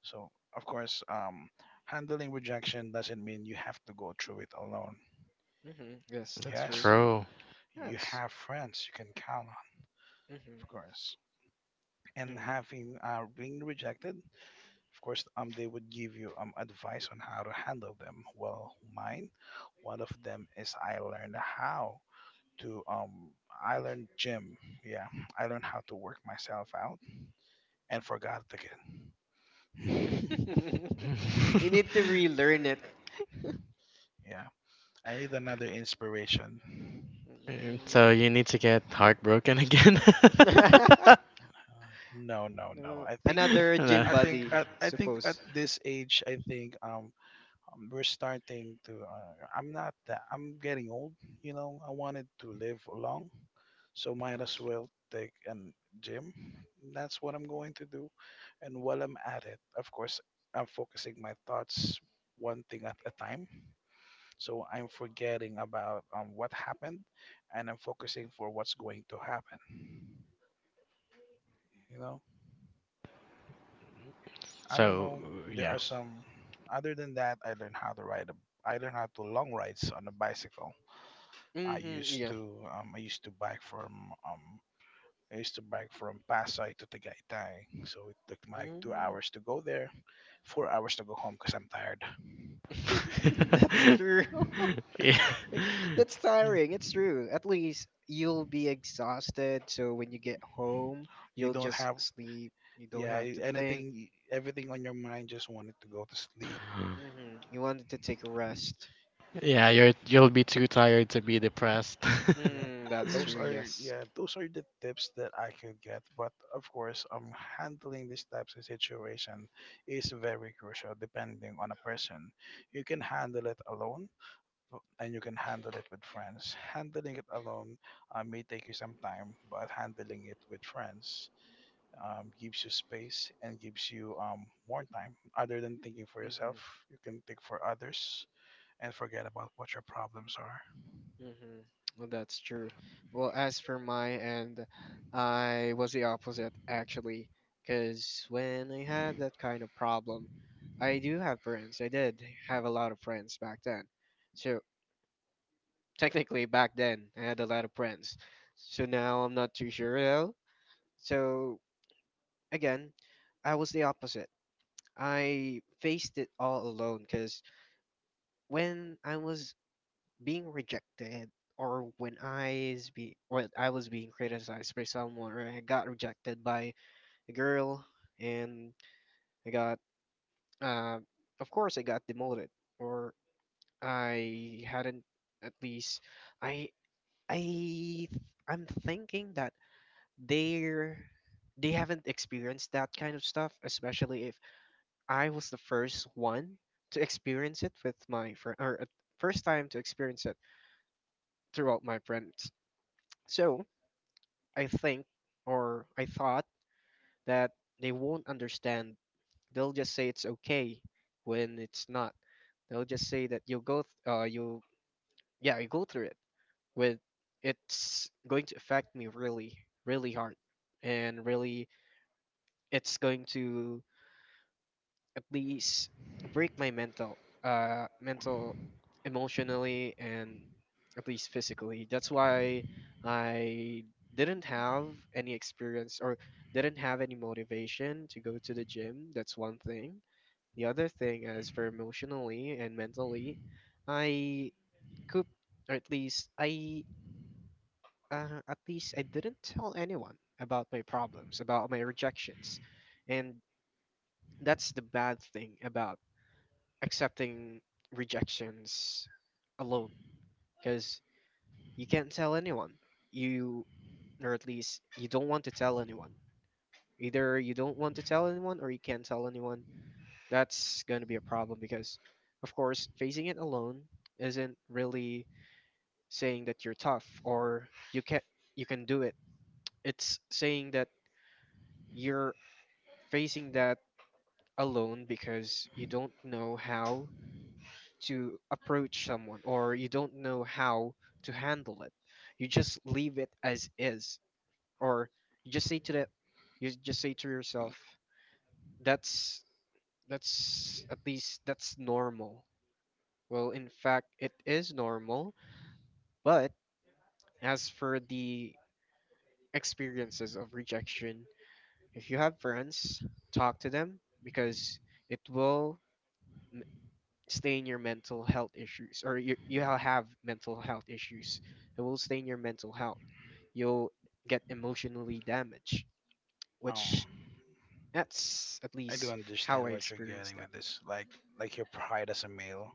Speaker 3: So of course, um, handling rejection doesn't mean you have to go through it alone.
Speaker 2: Mm-hmm. Yes, that's true.
Speaker 3: Yes,
Speaker 1: True.
Speaker 3: you
Speaker 2: Yes.
Speaker 3: have friends you can count on,
Speaker 2: Mm-hmm.
Speaker 3: of course. And
Speaker 2: Mm.
Speaker 3: having uh, being rejected, of course, um, they would give you um advice on how to handle them. Well, mine, one of them is I learned how to um I learned gym. Yeah, I learned how to work myself out and forgot again.
Speaker 2: You need to relearn it.
Speaker 3: yeah, I need another inspiration.
Speaker 1: Mm, so you need to get heartbroken again.
Speaker 2: Mm.
Speaker 3: Uh, no, no, no.
Speaker 2: Uh,
Speaker 3: I think
Speaker 2: another
Speaker 1: No.
Speaker 2: gym
Speaker 3: I think
Speaker 2: buddy,
Speaker 3: at I think at
Speaker 2: suppose.
Speaker 3: this age, I think um, um we're starting to. Uh, I'm not that. I'm getting old. You know, I wanted to live long, so might as well take an gym. That's what I'm going to do. And while I'm at it, of course, I'm focusing my thoughts one thing at a time. So I'm forgetting about um, what happened and I'm focusing for what's going to happen. You know, I don't
Speaker 1: So
Speaker 3: know. There
Speaker 1: yeah.
Speaker 3: are some, other than that, I learned how to ride a, I learned how to long rides on a bicycle. I
Speaker 2: Mm-hmm,
Speaker 3: used
Speaker 2: yeah.
Speaker 3: to, um, I used to bike from um, I used to bike from Pasay to Tagaytay, so it took me like two
Speaker 2: Mm.
Speaker 3: hours to go there, four hours to go home because I'm tired.
Speaker 2: That's true.
Speaker 1: Yeah.
Speaker 2: Like, that's tiring. It's true. At least you'll be exhausted, so when you get home,
Speaker 3: You
Speaker 2: you'll
Speaker 3: don't
Speaker 2: just
Speaker 3: have
Speaker 2: sleep. You don't
Speaker 3: yeah
Speaker 2: have
Speaker 3: y-
Speaker 2: to think.
Speaker 3: anything, everything on your mind just wanted to go to sleep.
Speaker 2: Mm-hmm. You wanted to take a rest.
Speaker 3: Mhm,
Speaker 1: Yeah, you're,
Speaker 3: yeah,
Speaker 1: you'll be too tired to be
Speaker 3: yeah,
Speaker 1: depressed.
Speaker 3: yeah.
Speaker 2: Mm, that's
Speaker 3: Those
Speaker 2: true,
Speaker 3: are
Speaker 2: yes.
Speaker 3: yeah, those are the tips that I could get. But of course, um, handling these types of situation is very crucial depending on a person. You can handle it alone and you can handle it with friends. Handling it alone uh, may take you some time, but handling it with friends um, gives you space and gives you um, more time. Other than thinking for
Speaker 2: Mm-hmm.
Speaker 3: yourself, you can think for others and forget about what your problems are.
Speaker 2: Mm-hmm. Well, that's true. Well, as for my end, I was the opposite actually, because when I had that kind of problem, I do have friends. I did have a lot of friends back then. So technically, back then, I had a lot of friends. So now I'm not too sure though. So again, I was the opposite. I faced it all alone because when I was being rejected, or when I is be when I was being criticized by someone, or I got rejected by a girl, and I got uh, of course I got demoted, or I hadn't, at least I I I'm thinking that they're they haven't experienced that kind of stuff, especially if I was the first one to experience it with my friend, or uh, first time to experience it throughout my friends. So I think, or I thought, that they won't understand. They'll just say it's okay when it's not. They'll just say that you'll go, th- uh, you, yeah, you go through it with. It's going to affect me really, really hard, and really, it's going to please break my mental, uh mental emotionally and at least physically. That's why I didn't have any experience, or didn't have any motivation to go to the gym. That's one thing. The other thing is for emotionally and mentally, I could, or at least I, uh, at least I didn't tell anyone about my problems, about my rejections. And that's the bad thing about accepting rejections alone, because you can't tell anyone, you, or at least you don't want to tell anyone. Either you don't want to tell anyone, or you can't tell anyone. That's going to be a problem, because of course facing it alone isn't really saying that you're tough, or you can, you can do it. It's saying that you're facing that alone because you don't know how to approach someone, or you don't know how to handle it. You just leave it as is, or you just say to the, you just say to yourself that's that's at least that's normal. Well, in fact it is normal. But as for the experiences of rejection, if you have friends, talk to them, because it will stain your mental health issues, or you, you ha- have mental health issues. It will stain your mental health. You'll get emotionally damaged,
Speaker 3: Um,
Speaker 2: which, that's at
Speaker 3: I do
Speaker 2: least how I
Speaker 3: understand what you're
Speaker 2: experienced
Speaker 3: getting
Speaker 2: that.
Speaker 3: with this, like like your pride as a male.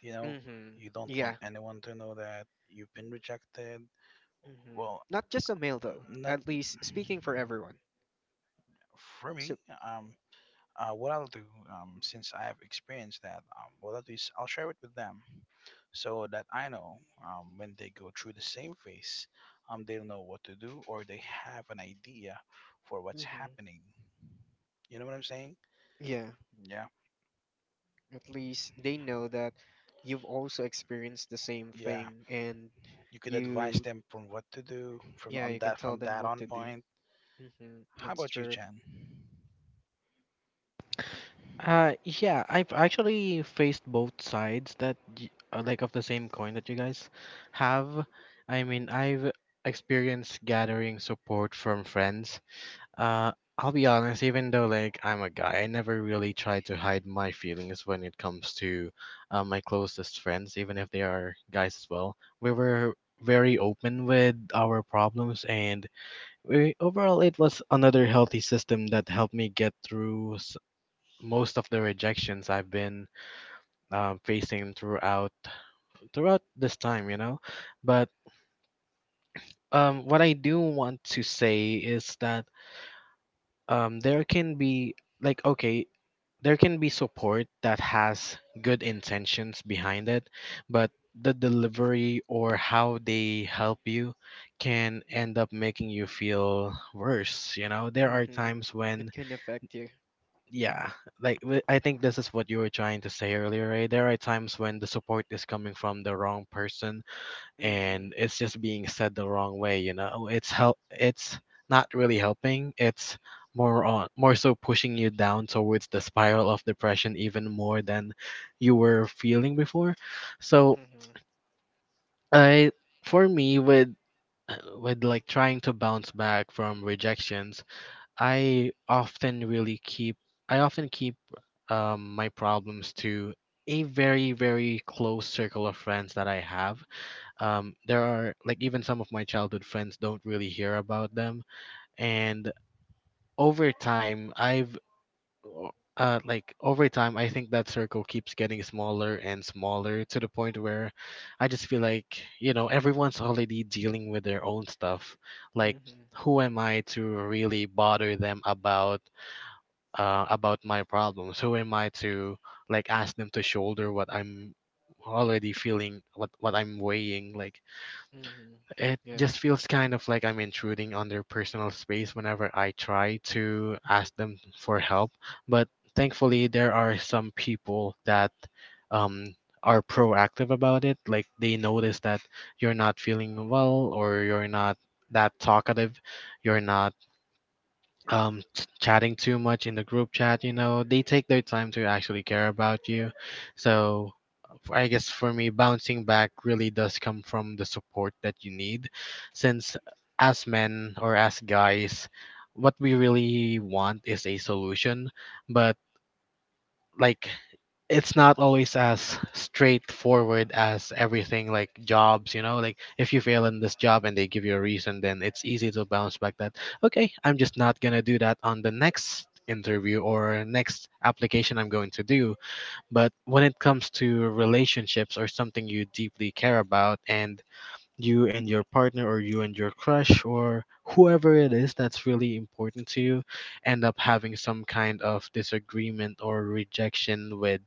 Speaker 3: You know,
Speaker 2: Mm-hmm.
Speaker 3: you don't
Speaker 2: Yeah.
Speaker 3: want anyone to know that you've been rejected.
Speaker 2: Mm-hmm.
Speaker 3: Well,
Speaker 2: Not just a male though,
Speaker 3: not
Speaker 2: at least speaking for everyone.
Speaker 3: for
Speaker 2: So,
Speaker 3: me. Um, Uh, what I'll do, um, since I've experienced that, um, what I'll do is I'll share it with them so that I know, um, when they go through the same phase, um, they'll know what to do or they have an idea for what's
Speaker 2: mm-hmm.
Speaker 3: happening. You know what I'm saying?
Speaker 2: Yeah,
Speaker 3: Yeah,
Speaker 2: at least they know that you've also experienced the same
Speaker 3: yeah.
Speaker 2: thing, and
Speaker 3: You could advise
Speaker 2: you,
Speaker 3: them from what to do from
Speaker 2: yeah,
Speaker 3: on
Speaker 2: you can
Speaker 3: that
Speaker 2: tell
Speaker 3: from
Speaker 2: them
Speaker 3: that
Speaker 2: what
Speaker 3: on
Speaker 2: to do.
Speaker 3: point.
Speaker 2: Mm-hmm.
Speaker 3: How
Speaker 2: That's
Speaker 3: about you,
Speaker 2: true.
Speaker 3: Jen?
Speaker 1: Uh, yeah, I've actually faced both sides that y- uh, like of the same coin that you guys have. I mean, I've experienced gathering support from friends. Uh, I'll be honest, even though like I'm a guy, I never really try to hide my feelings when it comes to uh, my closest friends, even if they are guys as well. We were very open with our problems, and we overall, it was another healthy system that helped me get through most of the rejections I've been um, facing throughout throughout this time, you know. But um, what I do want to say is that um, there can be like okay, there can be support that has good intentions behind it, but the delivery or how they help you can end up making you feel worse. You know, there are
Speaker 2: Mm-hmm. It,
Speaker 1: times
Speaker 2: it
Speaker 1: when
Speaker 2: can affect you.
Speaker 1: yeah, like w- I think this is what you were trying to say earlier, right? There are times when the support is coming from the wrong person
Speaker 2: Mm-hmm.
Speaker 1: and it's just being said the wrong way, you know. It's help it's not really helping. It's more on, more so pushing you down towards the spiral of depression even more than you were feeling before. So,
Speaker 2: Mm-hmm.
Speaker 1: I, for me, with with like trying to bounce back from rejections, I often really keep I often keep um, my problems to a very, very close circle of friends that I have. Um, there are like even some of my childhood friends don't really hear about them, and over time I've o- uh, like over time I think that circle keeps getting smaller and smaller, to the point where I just feel like, you know, everyone's already dealing with their own stuff. Like
Speaker 2: Mm-hmm.
Speaker 1: who am I to really bother them about? Uh, about my problems. Who am I to like ask them to shoulder what I'm already feeling, what what I'm weighing? Like
Speaker 2: Mm-hmm.
Speaker 1: it
Speaker 2: Yeah.
Speaker 1: just feels kind of like I'm intruding on their personal space whenever I try to ask them for help. But thankfully, there are some people that um are proactive about it. Like they notice that you're not feeling well, or you're not that talkative, you're not um ch- chatting too much in the group chat. You know, they take their time to actually care about you. So f- I guess for me, bouncing back really does come from the support that you need, since as men or as guys, what we really want is a solution. But like it's not always as straightforward as everything, like jobs. You know, like if you fail in this job and they give you a reason, then it's easy to bounce back. That okay, I'm just not going to do that on the next interview or next application I'm going to do. But when it comes to relationships or something you deeply care about, and you and your partner or you and your crush or whoever it is that's really important to you end up having some kind of disagreement or rejection with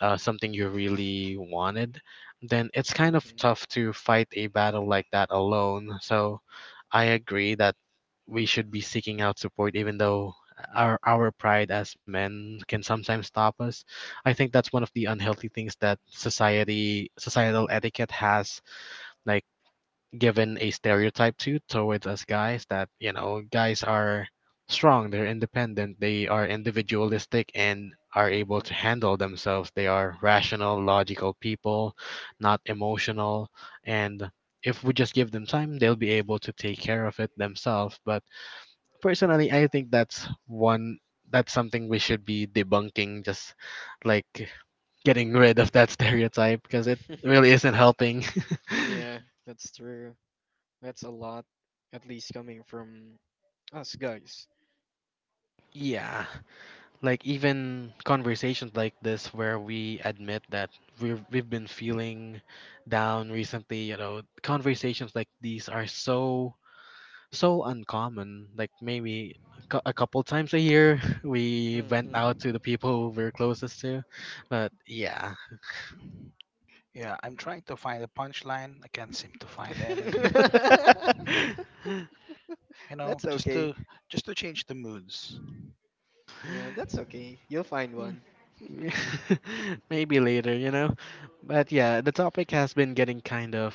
Speaker 1: uh, something you really wanted, then it's kind of
Speaker 2: Mm-hmm.
Speaker 1: tough to fight a battle like that alone. So I agree that we should be seeking out support, even though our our pride as men can sometimes stop us. I think that's one of the unhealthy things that society societal etiquette has. Like given a stereotype to towards us guys, that you know guys are strong, they're independent, they are individualistic and are able to handle themselves, they are rational, logical people, not emotional, and if we just give them time they'll be able to take care of it themselves. But personally, I think that's one that's something we should be debunking, just like getting rid of that stereotype, because it
Speaker 2: Mm-hmm.
Speaker 1: really isn't helping.
Speaker 2: Yeah, that's true. That's a lot, at least coming from us guys.
Speaker 1: Yeah. Like even conversations like this, where we admit that we've we've been feeling down recently. You know, conversations like these are so so uncommon. Like maybe a cou- a couple times a year we vent
Speaker 2: Mm-hmm.
Speaker 1: out to the people we're closest to. But yeah.
Speaker 3: Yeah, I'm trying to find a punchline. I can't seem to find any. You know,
Speaker 2: That's
Speaker 3: just
Speaker 2: okay.
Speaker 3: to just to change the moods.
Speaker 2: Yeah, that's okay. You'll find one.
Speaker 1: Maybe later, you know. But yeah, the topic has been getting kind of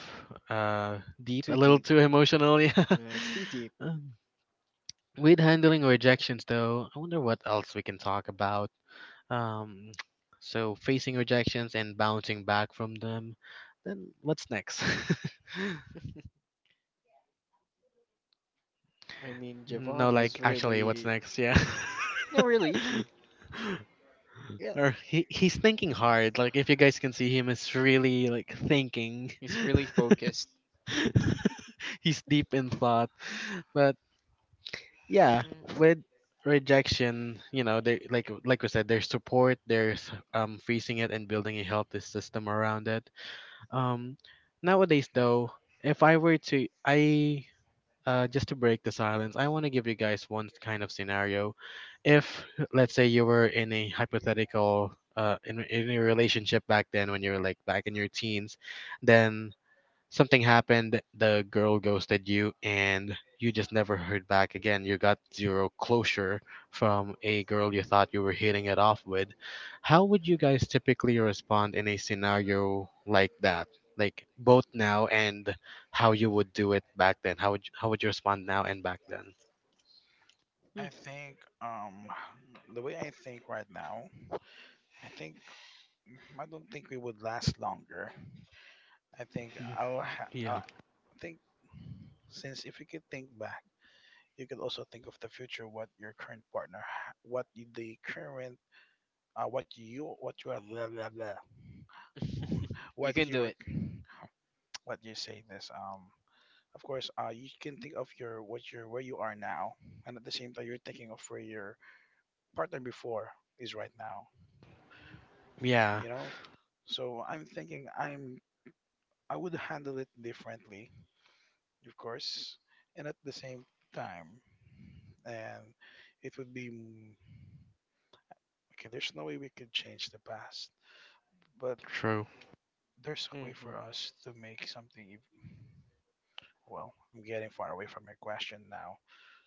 Speaker 1: uh deep, a
Speaker 2: Too
Speaker 1: little
Speaker 2: deep.
Speaker 1: too emotional, yeah.
Speaker 2: Yeah, it's too deep.
Speaker 1: Um, with handling rejections, though, I wonder what else we can talk about. Um, so facing rejections and bouncing back from them. Then what's next?
Speaker 2: I mean,
Speaker 1: No,
Speaker 2: Javon
Speaker 1: like
Speaker 2: is
Speaker 1: actually, what's
Speaker 2: really,
Speaker 1: next? Yeah.
Speaker 2: no, really. Yeah,
Speaker 1: Or he he's thinking hard. Like if you guys can see him, it's really like thinking.
Speaker 2: he's really focused.
Speaker 1: He's deep in thought. But yeah,
Speaker 2: Mm.
Speaker 1: with rejection, you know, they like like we said, there's support, there's um facing it and building a healthy system around it. Um, nowadays,
Speaker 3: Mhm.
Speaker 1: though, if I were to, I uh, just to break the silence, I want to give you guys one kind of scenario. If let's say you were in a hypothetical uh, in in a relationship back then, when you were like back in your teens, then something happened, the girl ghosted you, and you just never heard back again. You got zero closure from a girl you thought you were hitting it off with. How would you guys typically respond in a scenario like that? Like both now and how you would do it back then. How would how would you respond now and back then?
Speaker 2: Hmm.
Speaker 3: I think um the way I think right now, I think mm, I don't think we would last longer. I think
Speaker 1: Mm.
Speaker 3: I'll ha- I
Speaker 1: Yeah.
Speaker 3: think since if you could think back, you could also think of the future what your current partner ha- what you- the current uh, what you what you are blah, blah, blah,
Speaker 2: You
Speaker 3: what
Speaker 2: can do
Speaker 3: your
Speaker 2: it.
Speaker 3: what you say this um of course uh you can think of your what your where you are now and at the same time you're thinking of where your partner before is right now
Speaker 1: Yeah,
Speaker 3: you know so I'm thinking I'm I would handle it differently, of course, and at the same time. And it would be m- okay, there's no way we could change the past, but
Speaker 1: true.
Speaker 3: there's a way for
Speaker 2: Mhm.
Speaker 3: us to make something. ev- Well, I'm getting far away from your question now.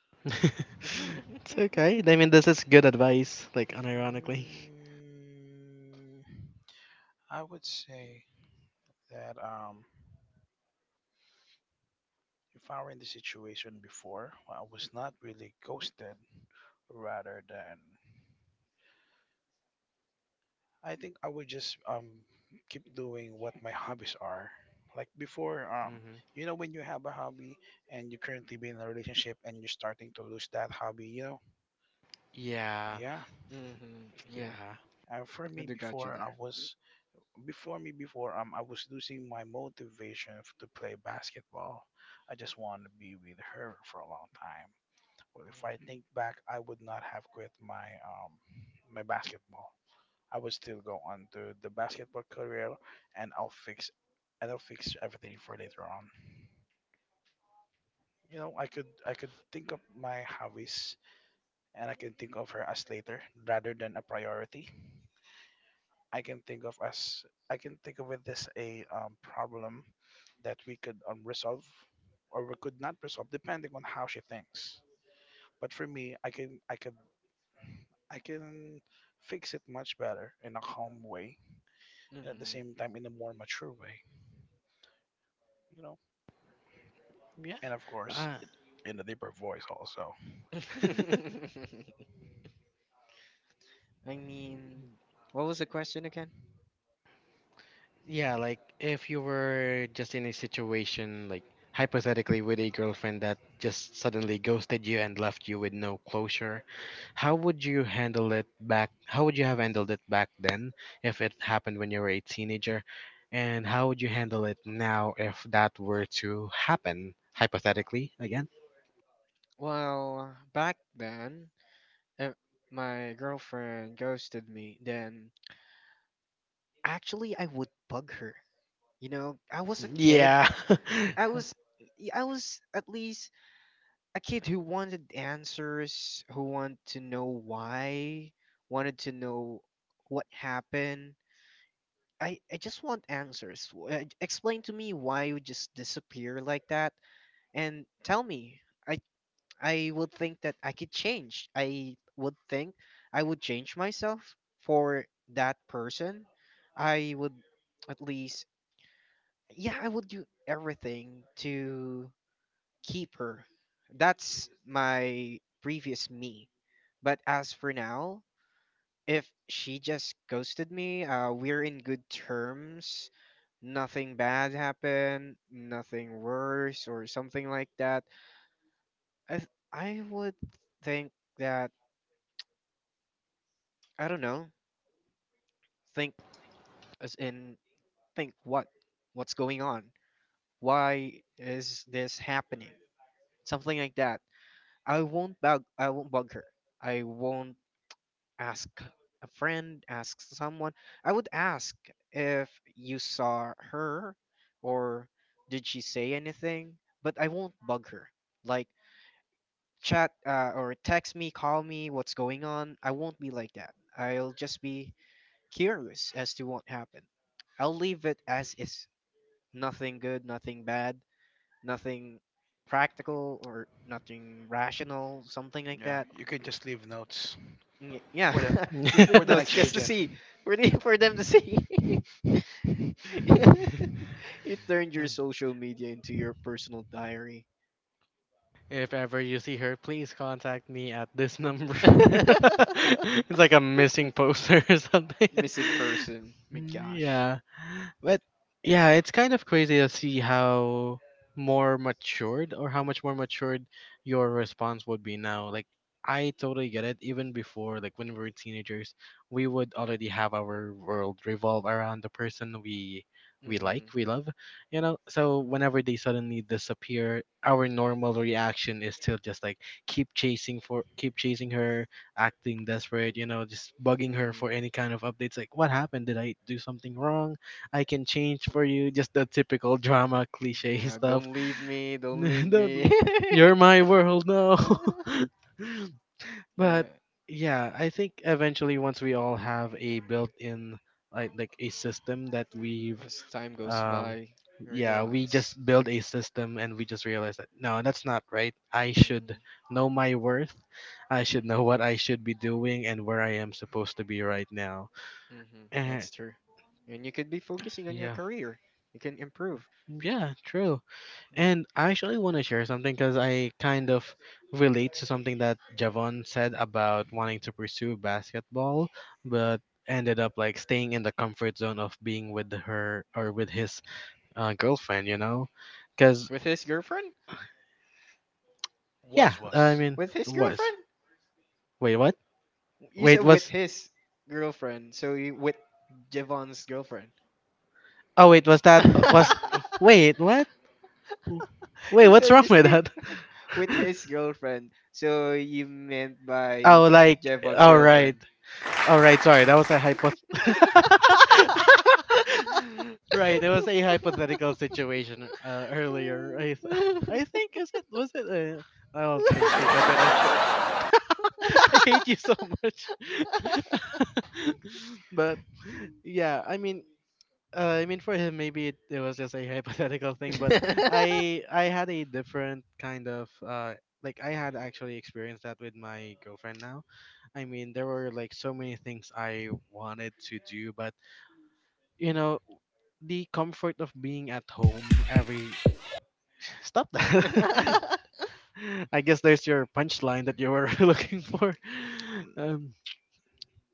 Speaker 1: It's
Speaker 2: Mhm.
Speaker 1: okay. I mean, this is good advice, like unironically.
Speaker 3: Mm, I would say that um, if I were in the situation before, I was not really ghosted, rather than I think I would just um keep doing what my hobbies are. Like before, um,
Speaker 1: Hmm.
Speaker 3: you know when you have a hobby and you currently be in a relationship and you're starting to lose that hobby, you know?
Speaker 1: Yeah,
Speaker 3: Yeah.
Speaker 2: Yeah,
Speaker 1: yeah.
Speaker 3: Uh, for
Speaker 2: I
Speaker 3: me
Speaker 2: do got you
Speaker 3: before I
Speaker 2: there.
Speaker 3: was before me before um I was losing my motivation f- to play basketball. I just wanted to be with her for a long time. Well, if I think back, I would not have quit my um my basketball. I would still go on to the basketball career, and I'll fix and I'll fix everything for later on. You know, I could I could think of my hobbies, and I can think of her as later rather than a priority. I can think of as I can think of it as a um, problem that we could um, resolve or we could not resolve depending on how she thinks. But for me, I can I can I can fix it much better in a calm way and at the
Speaker 2: Mhm.
Speaker 3: same time in a more mature way. You know.
Speaker 1: Yeah.
Speaker 3: And of course
Speaker 1: Uh,
Speaker 3: it, in a deeper voice also.
Speaker 2: I mean, what was the question again?
Speaker 1: yeah, like if you were just in a situation, like hypothetically, with a girlfriend that just suddenly ghosted you and left you with no closure, how would you handle it back? How would you have handled it back then if it happened when you were a teenager? And how would you handle it now if that were to happen, hypothetically, again?
Speaker 2: Well, back then, if my girlfriend ghosted me, then actually I would bug her. You know, I was a kid.
Speaker 1: Yeah.
Speaker 2: I was y- I was at least a kid who wanted answers, who wanted to know why, wanted to know what happened. I, I just want answers. W- uh, Explain to me why you just disappear like that, and tell me. I I would think that I could change. I would think I would change myself for that person. I would, at least, yeah, I would do everything to keep her. That's my previous me. But as for now, if she just ghosted me, uh, we're in good terms. Nothing bad happened, nothing worse or something like that. I th- I would think that, I don't know. Think as in think what, what's going on? Why is this happening? Something like that. I won't bug I won't bug her. I won't ask a friend, ask someone. I would ask if you saw her, or did she say anything, but I won't bug her. Like, chat uh, or text me, call me, what's going on. I won't be like that. I'll just be curious as to what happened. I'll leave it as is. Nothing good, nothing bad, nothing practical or nothing rational, something like
Speaker 3: Yeah,
Speaker 2: that.
Speaker 3: you can just leave notes
Speaker 2: Mm, yeah,
Speaker 3: for the
Speaker 2: just
Speaker 3: for
Speaker 2: leave
Speaker 3: the
Speaker 2: notes
Speaker 3: next
Speaker 2: just to
Speaker 3: agent.
Speaker 2: see for the, for them to see. You turned your social media into your personal diary.
Speaker 1: If ever you see her, please contact me at this number. It's like a missing poster or something.
Speaker 2: Missing person. My gosh.
Speaker 1: Yeah. But yeah, it's kind of crazy to see how more matured or how much more matured your response would be now. Like I totally get it. Even before, like when we were teenagers, we would already have our world revolve around the person we we like,
Speaker 2: Mhm.
Speaker 1: we love, you know, so whenever they suddenly disappear, our normal reaction is to just like keep chasing for keep chasing her, acting desperate, you know, just bugging her for
Speaker 2: Mhm.
Speaker 1: any kind of updates like what happened? Did I do something wrong? I can change for you, just the typical drama cliche
Speaker 2: Yeah.
Speaker 1: stuff.
Speaker 2: Don't leave me. Don't leave
Speaker 1: Don't,
Speaker 2: me.
Speaker 1: you're my world, no.
Speaker 2: Yeah.
Speaker 1: But yeah, I think eventually once we all have a built-in like like a system that we've
Speaker 2: As time goes
Speaker 1: um
Speaker 2: by, you
Speaker 1: yeah, we just
Speaker 2: realize.
Speaker 1: build a system and we just realize that no, that's not right. I should
Speaker 2: Mm.
Speaker 1: know my worth. I should know
Speaker 2: Mhm.
Speaker 1: what I should be doing and where I am supposed to be right now.
Speaker 2: Mhm.
Speaker 1: And
Speaker 2: That's true. And you could be focusing on your
Speaker 1: yeah.
Speaker 2: career. You can improve.
Speaker 1: Yeah, true.
Speaker 2: Yeah.
Speaker 1: And I actually want to share something because I kind of relate to something that Javon said about wanting to pursue basketball, but ended up like staying in the comfort zone of being with her or with his uh, girlfriend, you know, because
Speaker 2: With his girlfriend?
Speaker 1: yeah,
Speaker 3: Was
Speaker 1: I
Speaker 3: was
Speaker 1: mean,
Speaker 2: With his
Speaker 1: was
Speaker 2: girlfriend?
Speaker 1: wait what?
Speaker 2: You
Speaker 1: Wait,
Speaker 2: said with
Speaker 1: was
Speaker 2: his girlfriend, so you with Javon's girlfriend.
Speaker 1: oh wait, was that uh, was wait what? Wait,
Speaker 2: You
Speaker 1: what's
Speaker 2: said
Speaker 1: wrong
Speaker 2: this
Speaker 1: with
Speaker 2: thing
Speaker 1: that?
Speaker 2: with his girlfriend, so you meant by
Speaker 1: Oh, like
Speaker 2: Javon's
Speaker 1: all right,
Speaker 2: girlfriend.
Speaker 1: all right. Sorry, that was a hypo. Right, it was a hypothetical situation uh, earlier. I th- I think is it was it? Uh, I'll just think of it as. I hate you so much. But yeah, I mean, Uh, I mean, for him, maybe it, it was just a hypothetical thing, but I I had a different kind of uh like I had actually experienced that with my girlfriend now. I mean, there were like so many things I wanted to do, but you know, the comfort of being at home every stop that. I guess there's your punchline that you were looking for. Um,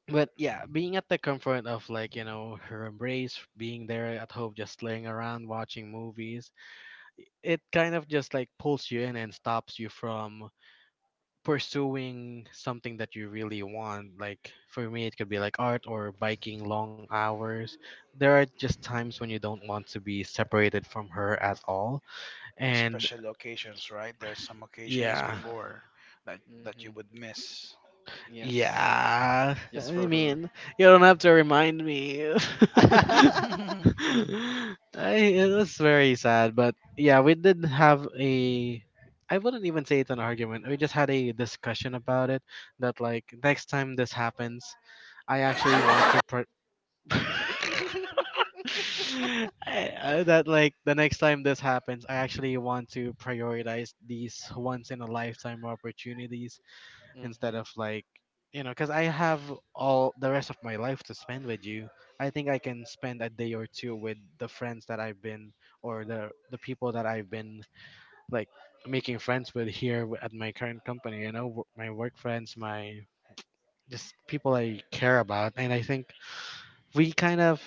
Speaker 1: but yeah, being at the comfort of like you know her embrace, being there at home, just laying around watching movies, it kind of just like pulls you in and stops you from pursuing something that you really want. Like for me, it could be like art or biking long hours. There are just times when you don't want to be separated from her at all. And
Speaker 3: Special occasions, right? There's some occasions
Speaker 1: yeah,
Speaker 2: Mhm.
Speaker 3: before that that you
Speaker 2: Mhm.
Speaker 3: would miss.
Speaker 2: Yes.
Speaker 1: yeah,
Speaker 2: Just
Speaker 1: I
Speaker 2: for her.
Speaker 1: mean, you don't have to remind me. I, it was very sad, but yeah, we did have a. I wouldn't even say it's an argument. We just had a discussion about it that like next time this happens, I actually want to. Per- I- uh, that like the next time this happens, I actually want to prioritize these once in a lifetime opportunities instead
Speaker 2: Mm-hmm.
Speaker 1: of like you know, because I have all the rest of my life to spend with you. I think I can spend a day or two with the friends that I've been or the the people that I've been like making friends with here w- at my current company, you know, w- my work friends, my just people I care about. And I think we kind of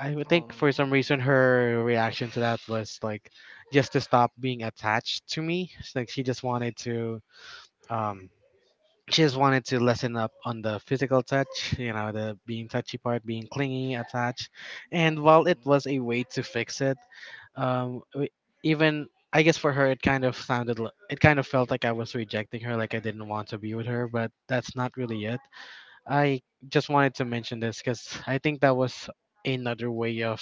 Speaker 1: I would think for some
Speaker 2: Aww.
Speaker 1: reason her reaction to that was like just to stop being attached to me. It's like she just wanted to um she just wanted to lessen up on the physical touch, you know, the being touchy part, being clingy, attached. And while it
Speaker 2: Mm.
Speaker 1: was a way to fix it, um, w- even I guess for her, it kind of sounded, li- it kind of felt like I was rejecting her, like I didn't want to be with her, but that's not really it. I just wanted to mention this because I think that was another way of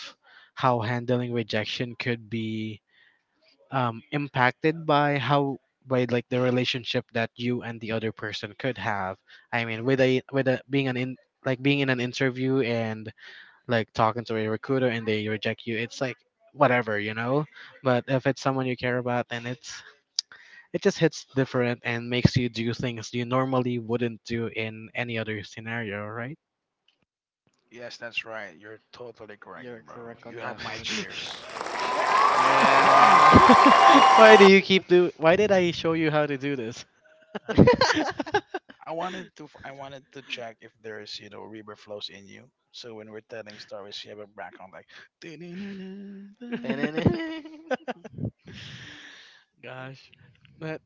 Speaker 1: how handling rejection could be um, impacted by how by like the relationship that you and the other person could have. I mean, with a with a being an in like being in an interview and like talking to a recruiter and they reject you, it's like whatever, you know. But if it's someone you care about, then it's it just hits different and makes you do things you normally wouldn't do in any other scenario, right?
Speaker 3: Yes, that's right. You're totally correct,
Speaker 2: You're
Speaker 3: bro.
Speaker 2: correct
Speaker 3: You
Speaker 2: on
Speaker 3: have
Speaker 2: that
Speaker 3: my
Speaker 2: one.
Speaker 3: cheers.
Speaker 2: Yeah.
Speaker 1: Why do you keep do? Why did I show you how to do this?
Speaker 3: I wanted to f- I wanted to check if there's you know river flows in you. So when we're telling stories, you have a background like Yeah.
Speaker 1: Gosh. But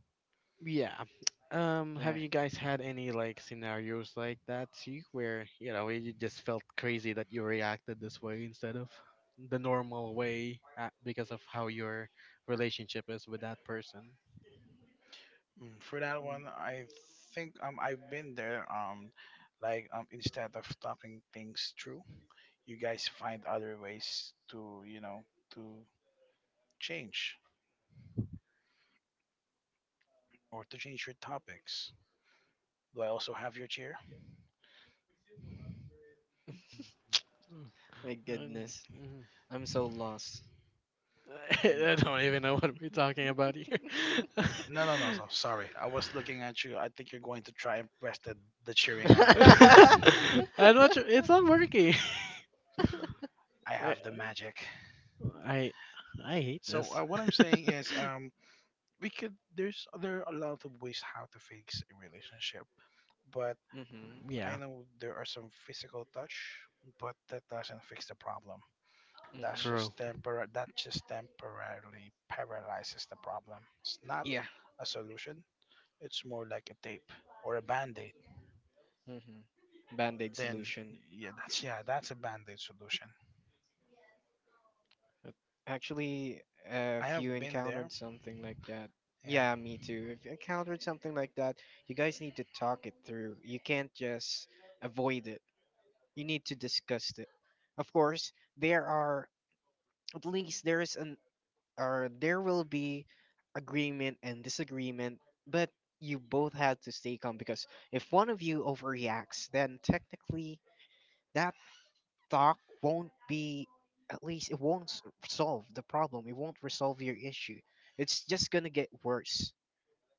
Speaker 1: yeah. Um have
Speaker 2: Alright.
Speaker 1: you guys had any like scenarios like that too where, you know, you just felt crazy that you reacted this way instead of the normal way uh, because of how your relationship is with that person?
Speaker 3: Mm, for that one, I think um I've been there, um like um instead of talking things through, you guys find other ways to you know to change or to change your topics. Do I also have your chair?
Speaker 1: Mm.
Speaker 2: My
Speaker 1: Um.
Speaker 2: goodness.
Speaker 3: Mm,
Speaker 1: Mhm.
Speaker 2: I'm so lost.
Speaker 1: I
Speaker 3: mm.
Speaker 1: don't even know what we're talking about here.
Speaker 3: No, no, no, no. Sorry, I was looking at you. I think you're going to try and press the the cheering on me.
Speaker 2: Mm-hmm.
Speaker 1: I'm not sure. It's not working.
Speaker 3: I
Speaker 1: I
Speaker 3: have the magic.
Speaker 1: I I hate
Speaker 3: So
Speaker 1: this.
Speaker 3: uh, what I'm saying is, um, we could. There's there are a lot of ways how to fix a relationship, but
Speaker 2: Mm-hmm.
Speaker 3: I
Speaker 1: Yeah,
Speaker 3: know there are some physical touch, but that doesn't fix the problem. That's
Speaker 1: true.
Speaker 3: just tempor- that just temporarily paralyzes the problem. It's not
Speaker 2: Yeah.
Speaker 3: a solution. It's more like a tape or a band-aid.
Speaker 2: Mm-hmm. Band-aid
Speaker 3: Then
Speaker 2: solution.
Speaker 3: yeah, that's yeah, that's a band-aid solution.
Speaker 2: Uh, Actually, uh,
Speaker 3: I
Speaker 2: if you
Speaker 3: have been there.
Speaker 2: encountered something like that,
Speaker 3: Yeah.
Speaker 2: yeah, me too. If you encountered something like that, you guys need to talk it through. You can't just avoid it. You need to discuss it. Of course, there are, at least there is an, or there will be agreement and disagreement, but you both had to stay calm, because if one of you overreacts, then technically that talk won't be, at least it won't s- solve the problem. It won't resolve your issue. It's just gonna get worse.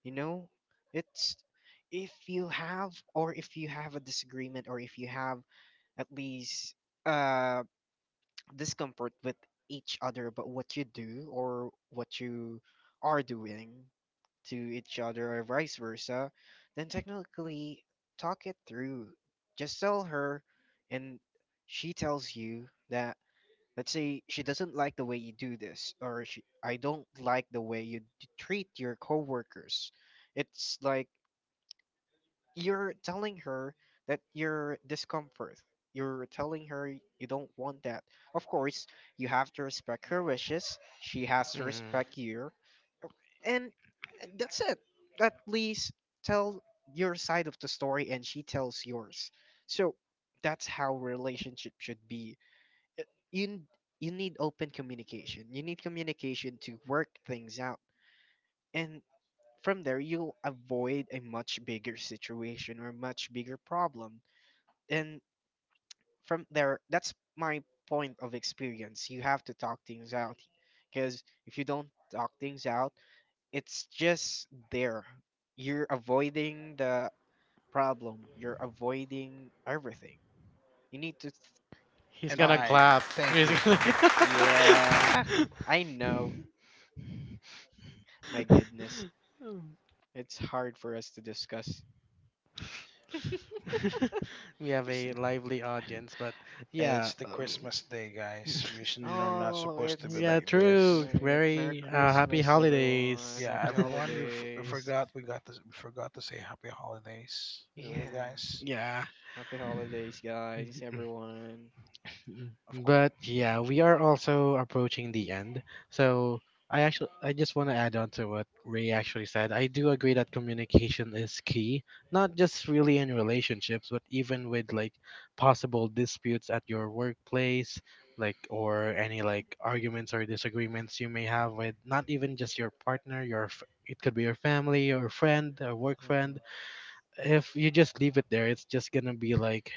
Speaker 2: You know, it's, if you have, or if you have a disagreement, or if you have at least uh discomfort with each other about what you do, or what you are doing to each other, or vice versa, then technically talk it through. Just tell her, and she tells you that. Let's say she doesn't like the way you do this, or she, I don't like the way you d- treat your coworkers. It's like you're telling her that you're discomfort. You're telling her you don't want that. Of course, you have to respect her wishes. She has to respect you, and that's it. At least tell your side of the story, and she tells yours. So that's how relationship should be. it- you n- you need open communication. You need communication to work things out, and from there you'll avoid a much bigger situation or much bigger problem. And from there, that's my point of experience. You have to talk things out, because if you don't talk things out, it's just there. You're avoiding the problem. You're avoiding everything. You need to th-
Speaker 1: He's
Speaker 3: And
Speaker 2: Talk
Speaker 1: gonna
Speaker 2: it
Speaker 3: I
Speaker 2: through.
Speaker 1: clap. He's gonna.
Speaker 3: thank you.
Speaker 2: Yeah, I know. My goodness, it's hard for us to discuss.
Speaker 1: We have
Speaker 3: It's-
Speaker 1: a lively audience, but
Speaker 3: and
Speaker 1: yeah,
Speaker 3: it's the
Speaker 1: um,
Speaker 3: Christmas day, guys. We shouldn't are not
Speaker 2: Oh,
Speaker 3: supposed to be
Speaker 2: it's y-
Speaker 1: yeah,
Speaker 3: like
Speaker 1: true.
Speaker 2: yeah,
Speaker 3: this.
Speaker 2: it, Merry
Speaker 1: Very uh, happy
Speaker 2: Christmas, everyone.
Speaker 1: holidays.
Speaker 3: Yeah,
Speaker 2: Happy
Speaker 3: everyone, we, f- we
Speaker 2: holidays.
Speaker 3: forgot we got to we forgot to say happy holidays to you
Speaker 2: Yeah,
Speaker 3: guys.
Speaker 1: Yeah.
Speaker 2: happy holidays, guys, everyone.
Speaker 1: Mm.
Speaker 3: Of course,
Speaker 1: But yeah, we are also approaching the end. So I actually I just want to add on to what Ray actually said. I do agree that communication is key, not just really in relationships, but even with like possible disputes at your workplace, like or any like arguments or disagreements you may have with not even just your partner, your f- it could be your family or friend, a work
Speaker 2: Hmm.
Speaker 1: friend. If you just leave it there, it's just gonna be like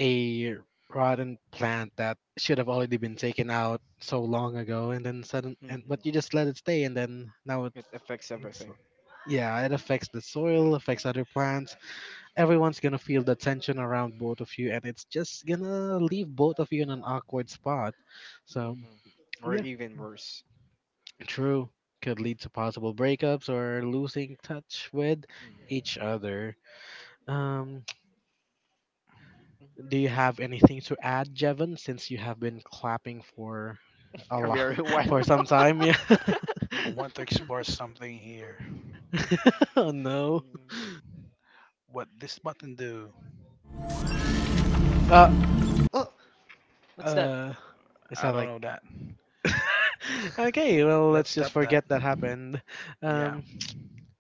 Speaker 1: a rotten plant that should have already been taken out so long ago and then sudden and but you
Speaker 2: Hmm.
Speaker 1: just let it stay and then now it's,
Speaker 2: It affects
Speaker 1: it's
Speaker 2: everything.
Speaker 1: yeah, it affects the soil, affects other plants, everyone's gonna feel the tension around both of you and it's just gonna leave both of you in an awkward spot. So
Speaker 2: Hmm. Or
Speaker 1: yeah,
Speaker 2: even worse.
Speaker 1: true, could lead to possible breakups or losing touch with
Speaker 2: Mm.
Speaker 1: each other. um Do you have anything to add, Jevon, since you have been clapping for a
Speaker 2: Are we
Speaker 1: lot
Speaker 2: are
Speaker 1: for
Speaker 2: wild
Speaker 1: some
Speaker 2: now?
Speaker 1: time? Yeah.
Speaker 3: I want to explore something here.
Speaker 1: Oh, no.
Speaker 2: Mm.
Speaker 3: What this button do?
Speaker 1: Uh,
Speaker 2: Oh, what's that?
Speaker 1: uh, is
Speaker 3: I
Speaker 1: that
Speaker 3: don't
Speaker 1: like
Speaker 3: know that.
Speaker 1: okay? Well,
Speaker 3: Let's
Speaker 1: let's just
Speaker 3: stop that.
Speaker 1: forget that happened.
Speaker 3: Yeah.
Speaker 1: Um,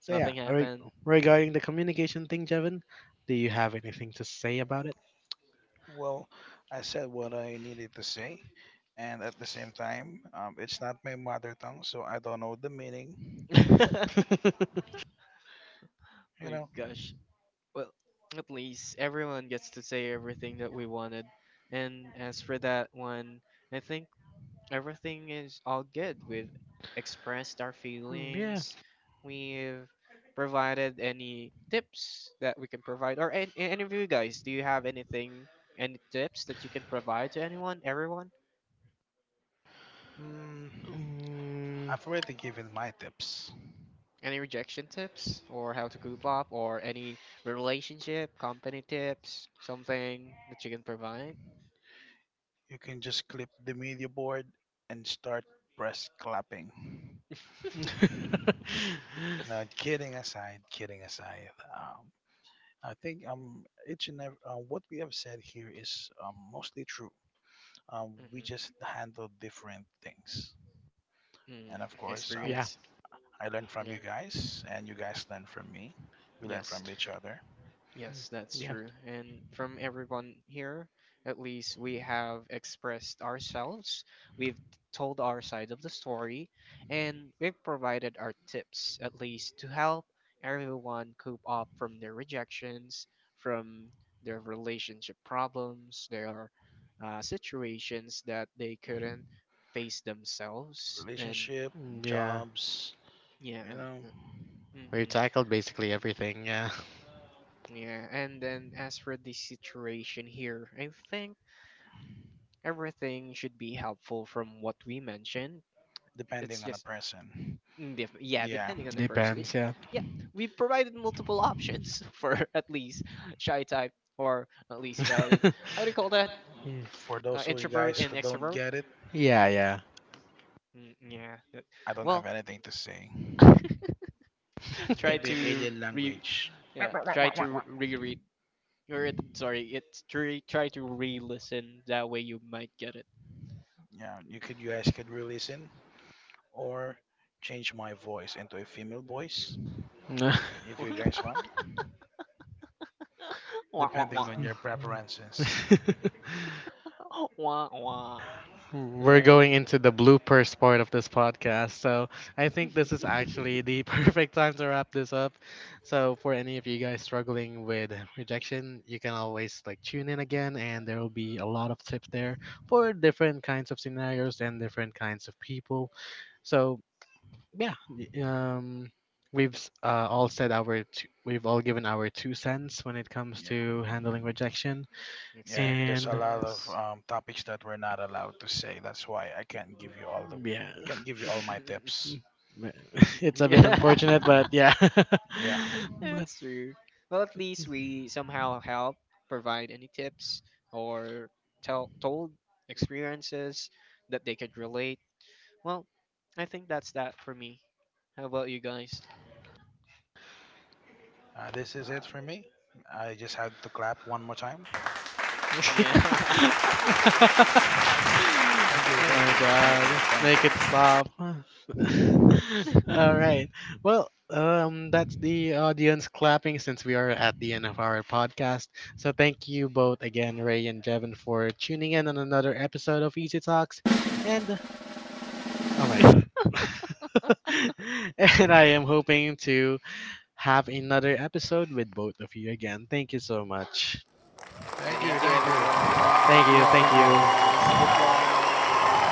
Speaker 1: so yeah,
Speaker 2: Nothing
Speaker 1: re-
Speaker 2: happened.
Speaker 1: regarding the communication thing, Jevon, do you have anything to say about it?
Speaker 3: Well, I said what I needed to say, and at the same time, um, it's not my mother tongue, so I don't know the meaning.
Speaker 2: My
Speaker 3: You know.
Speaker 2: gosh. Well, at least everyone gets to say everything that we wanted. And as for that one, I think everything is all good. We've expressed our
Speaker 1: Mm, yeah.
Speaker 2: feelings, we've provided any tips that we can provide. Or any, any of you guys, do you have anything, any tips that you can provide to anyone, everyone?
Speaker 3: Mm,
Speaker 1: Mm.
Speaker 3: I've already given my tips.
Speaker 2: Any rejection tips, or how to group up, or any relationship, company tips, something that you can provide?
Speaker 3: You can just clip the media board and start press clapping. No, kidding aside, kidding aside, um, I think um each and every uh, what we have said here is um, mostly true. Um, we
Speaker 2: Hmm.
Speaker 3: just handle different things, and
Speaker 2: Mm,
Speaker 3: of course, um,
Speaker 1: Yeah.
Speaker 2: experience.
Speaker 3: I learned from you
Speaker 2: Yeah.
Speaker 3: guys, and you guys learn from me. We learn
Speaker 2: Yes.
Speaker 3: from each other,
Speaker 2: Yes, that's
Speaker 1: Yeah.
Speaker 2: true. And from everyone here, at least we have expressed ourselves. We've told our side of the story, and we've provided our tips at least to help everyone cope up from their rejections, from their relationship problems, their uh, situations that they couldn't face themselves. And
Speaker 3: relationship,
Speaker 1: Mm. Yeah.
Speaker 3: jobs,
Speaker 2: yeah.
Speaker 3: you know,
Speaker 2: uh,
Speaker 1: We
Speaker 2: Mm-hmm.
Speaker 1: tackled basically everything. Yeah.
Speaker 2: Yeah, and then as for the situation here, I think everything should be helpful from what we mentioned. It's
Speaker 3: depending on the
Speaker 2: just,
Speaker 3: person.
Speaker 2: mm, def- yeah,
Speaker 3: Yeah.
Speaker 2: depending on the person. It-
Speaker 1: Depends. Yeah.
Speaker 2: yeah, we provided multiple options for at least shy type, or at least crowded. How do you call that?
Speaker 3: For
Speaker 2: Uh,
Speaker 3: those of you guys
Speaker 2: introvert and
Speaker 3: who don't
Speaker 2: extrovert.
Speaker 3: get it,
Speaker 1: Yeah, yeah.
Speaker 2: Mm, yeah. That-
Speaker 3: I don't have
Speaker 2: well,
Speaker 3: anything to say.
Speaker 2: try
Speaker 3: Maybe in
Speaker 2: to
Speaker 3: alien
Speaker 2: re
Speaker 3: language.
Speaker 2: yeah, try to reread or it, sorry it's try try to re-listen. That way you might get it.
Speaker 3: Yeah, you could you guys could release in or change my voice into a female voice
Speaker 1: No.
Speaker 3: if you guys want,
Speaker 2: Wah, wah,
Speaker 3: depending
Speaker 2: wah.
Speaker 3: on your preferences.
Speaker 2: Wah wah.
Speaker 1: We're
Speaker 2: Well,
Speaker 1: going into the bloopers part of this podcast. So I think this is actually the perfect time to wrap this up. So for any of you guys struggling with rejection, you can always like tune in again and there will be a lot of tips there for different kinds of scenarios and different kinds of people. So yeah y- um we've s- uh, all said our two, we've all given our two cents when it comes
Speaker 3: Yeah,
Speaker 1: to handling rejection
Speaker 3: yeah. There's a
Speaker 1: and
Speaker 3: lot of
Speaker 2: experiences.
Speaker 3: um, topics that we're not allowed to say. That's why I can't give you all the
Speaker 1: yeah
Speaker 3: can't give you all my tips. Y-
Speaker 1: it's a bit
Speaker 2: Yeah,
Speaker 1: unfortunate but yeah
Speaker 3: Yeah,
Speaker 1: but
Speaker 2: that's true. Well, at least we somehow help provide any tips, or tell told experiences that they could relate. Well, I think that's that for me. How about you guys?
Speaker 3: uh, this is it for me. I just had to clap one more time.
Speaker 1: oh
Speaker 2: Yeah.
Speaker 1: my
Speaker 3: Thank you, thank you, thank you, thank you,
Speaker 1: god. Make it stop. All right. Well, um that's the audience clapping since we are at the end of our podcast. So thank you both again, Ray and Jevin, for tuning in on another episode of Easy Talks. And oh my god. And I am hoping to have another episode with both of you again. Thank you so much.
Speaker 3: thank you,
Speaker 2: Thank you,
Speaker 3: thank you,
Speaker 2: everyone.
Speaker 1: Thank
Speaker 2: Happy
Speaker 1: you. Thank
Speaker 3: thank you,
Speaker 1: you.
Speaker 3: thank
Speaker 2: holidays.
Speaker 3: you.
Speaker 1: Bye.
Speaker 2: Goodbye.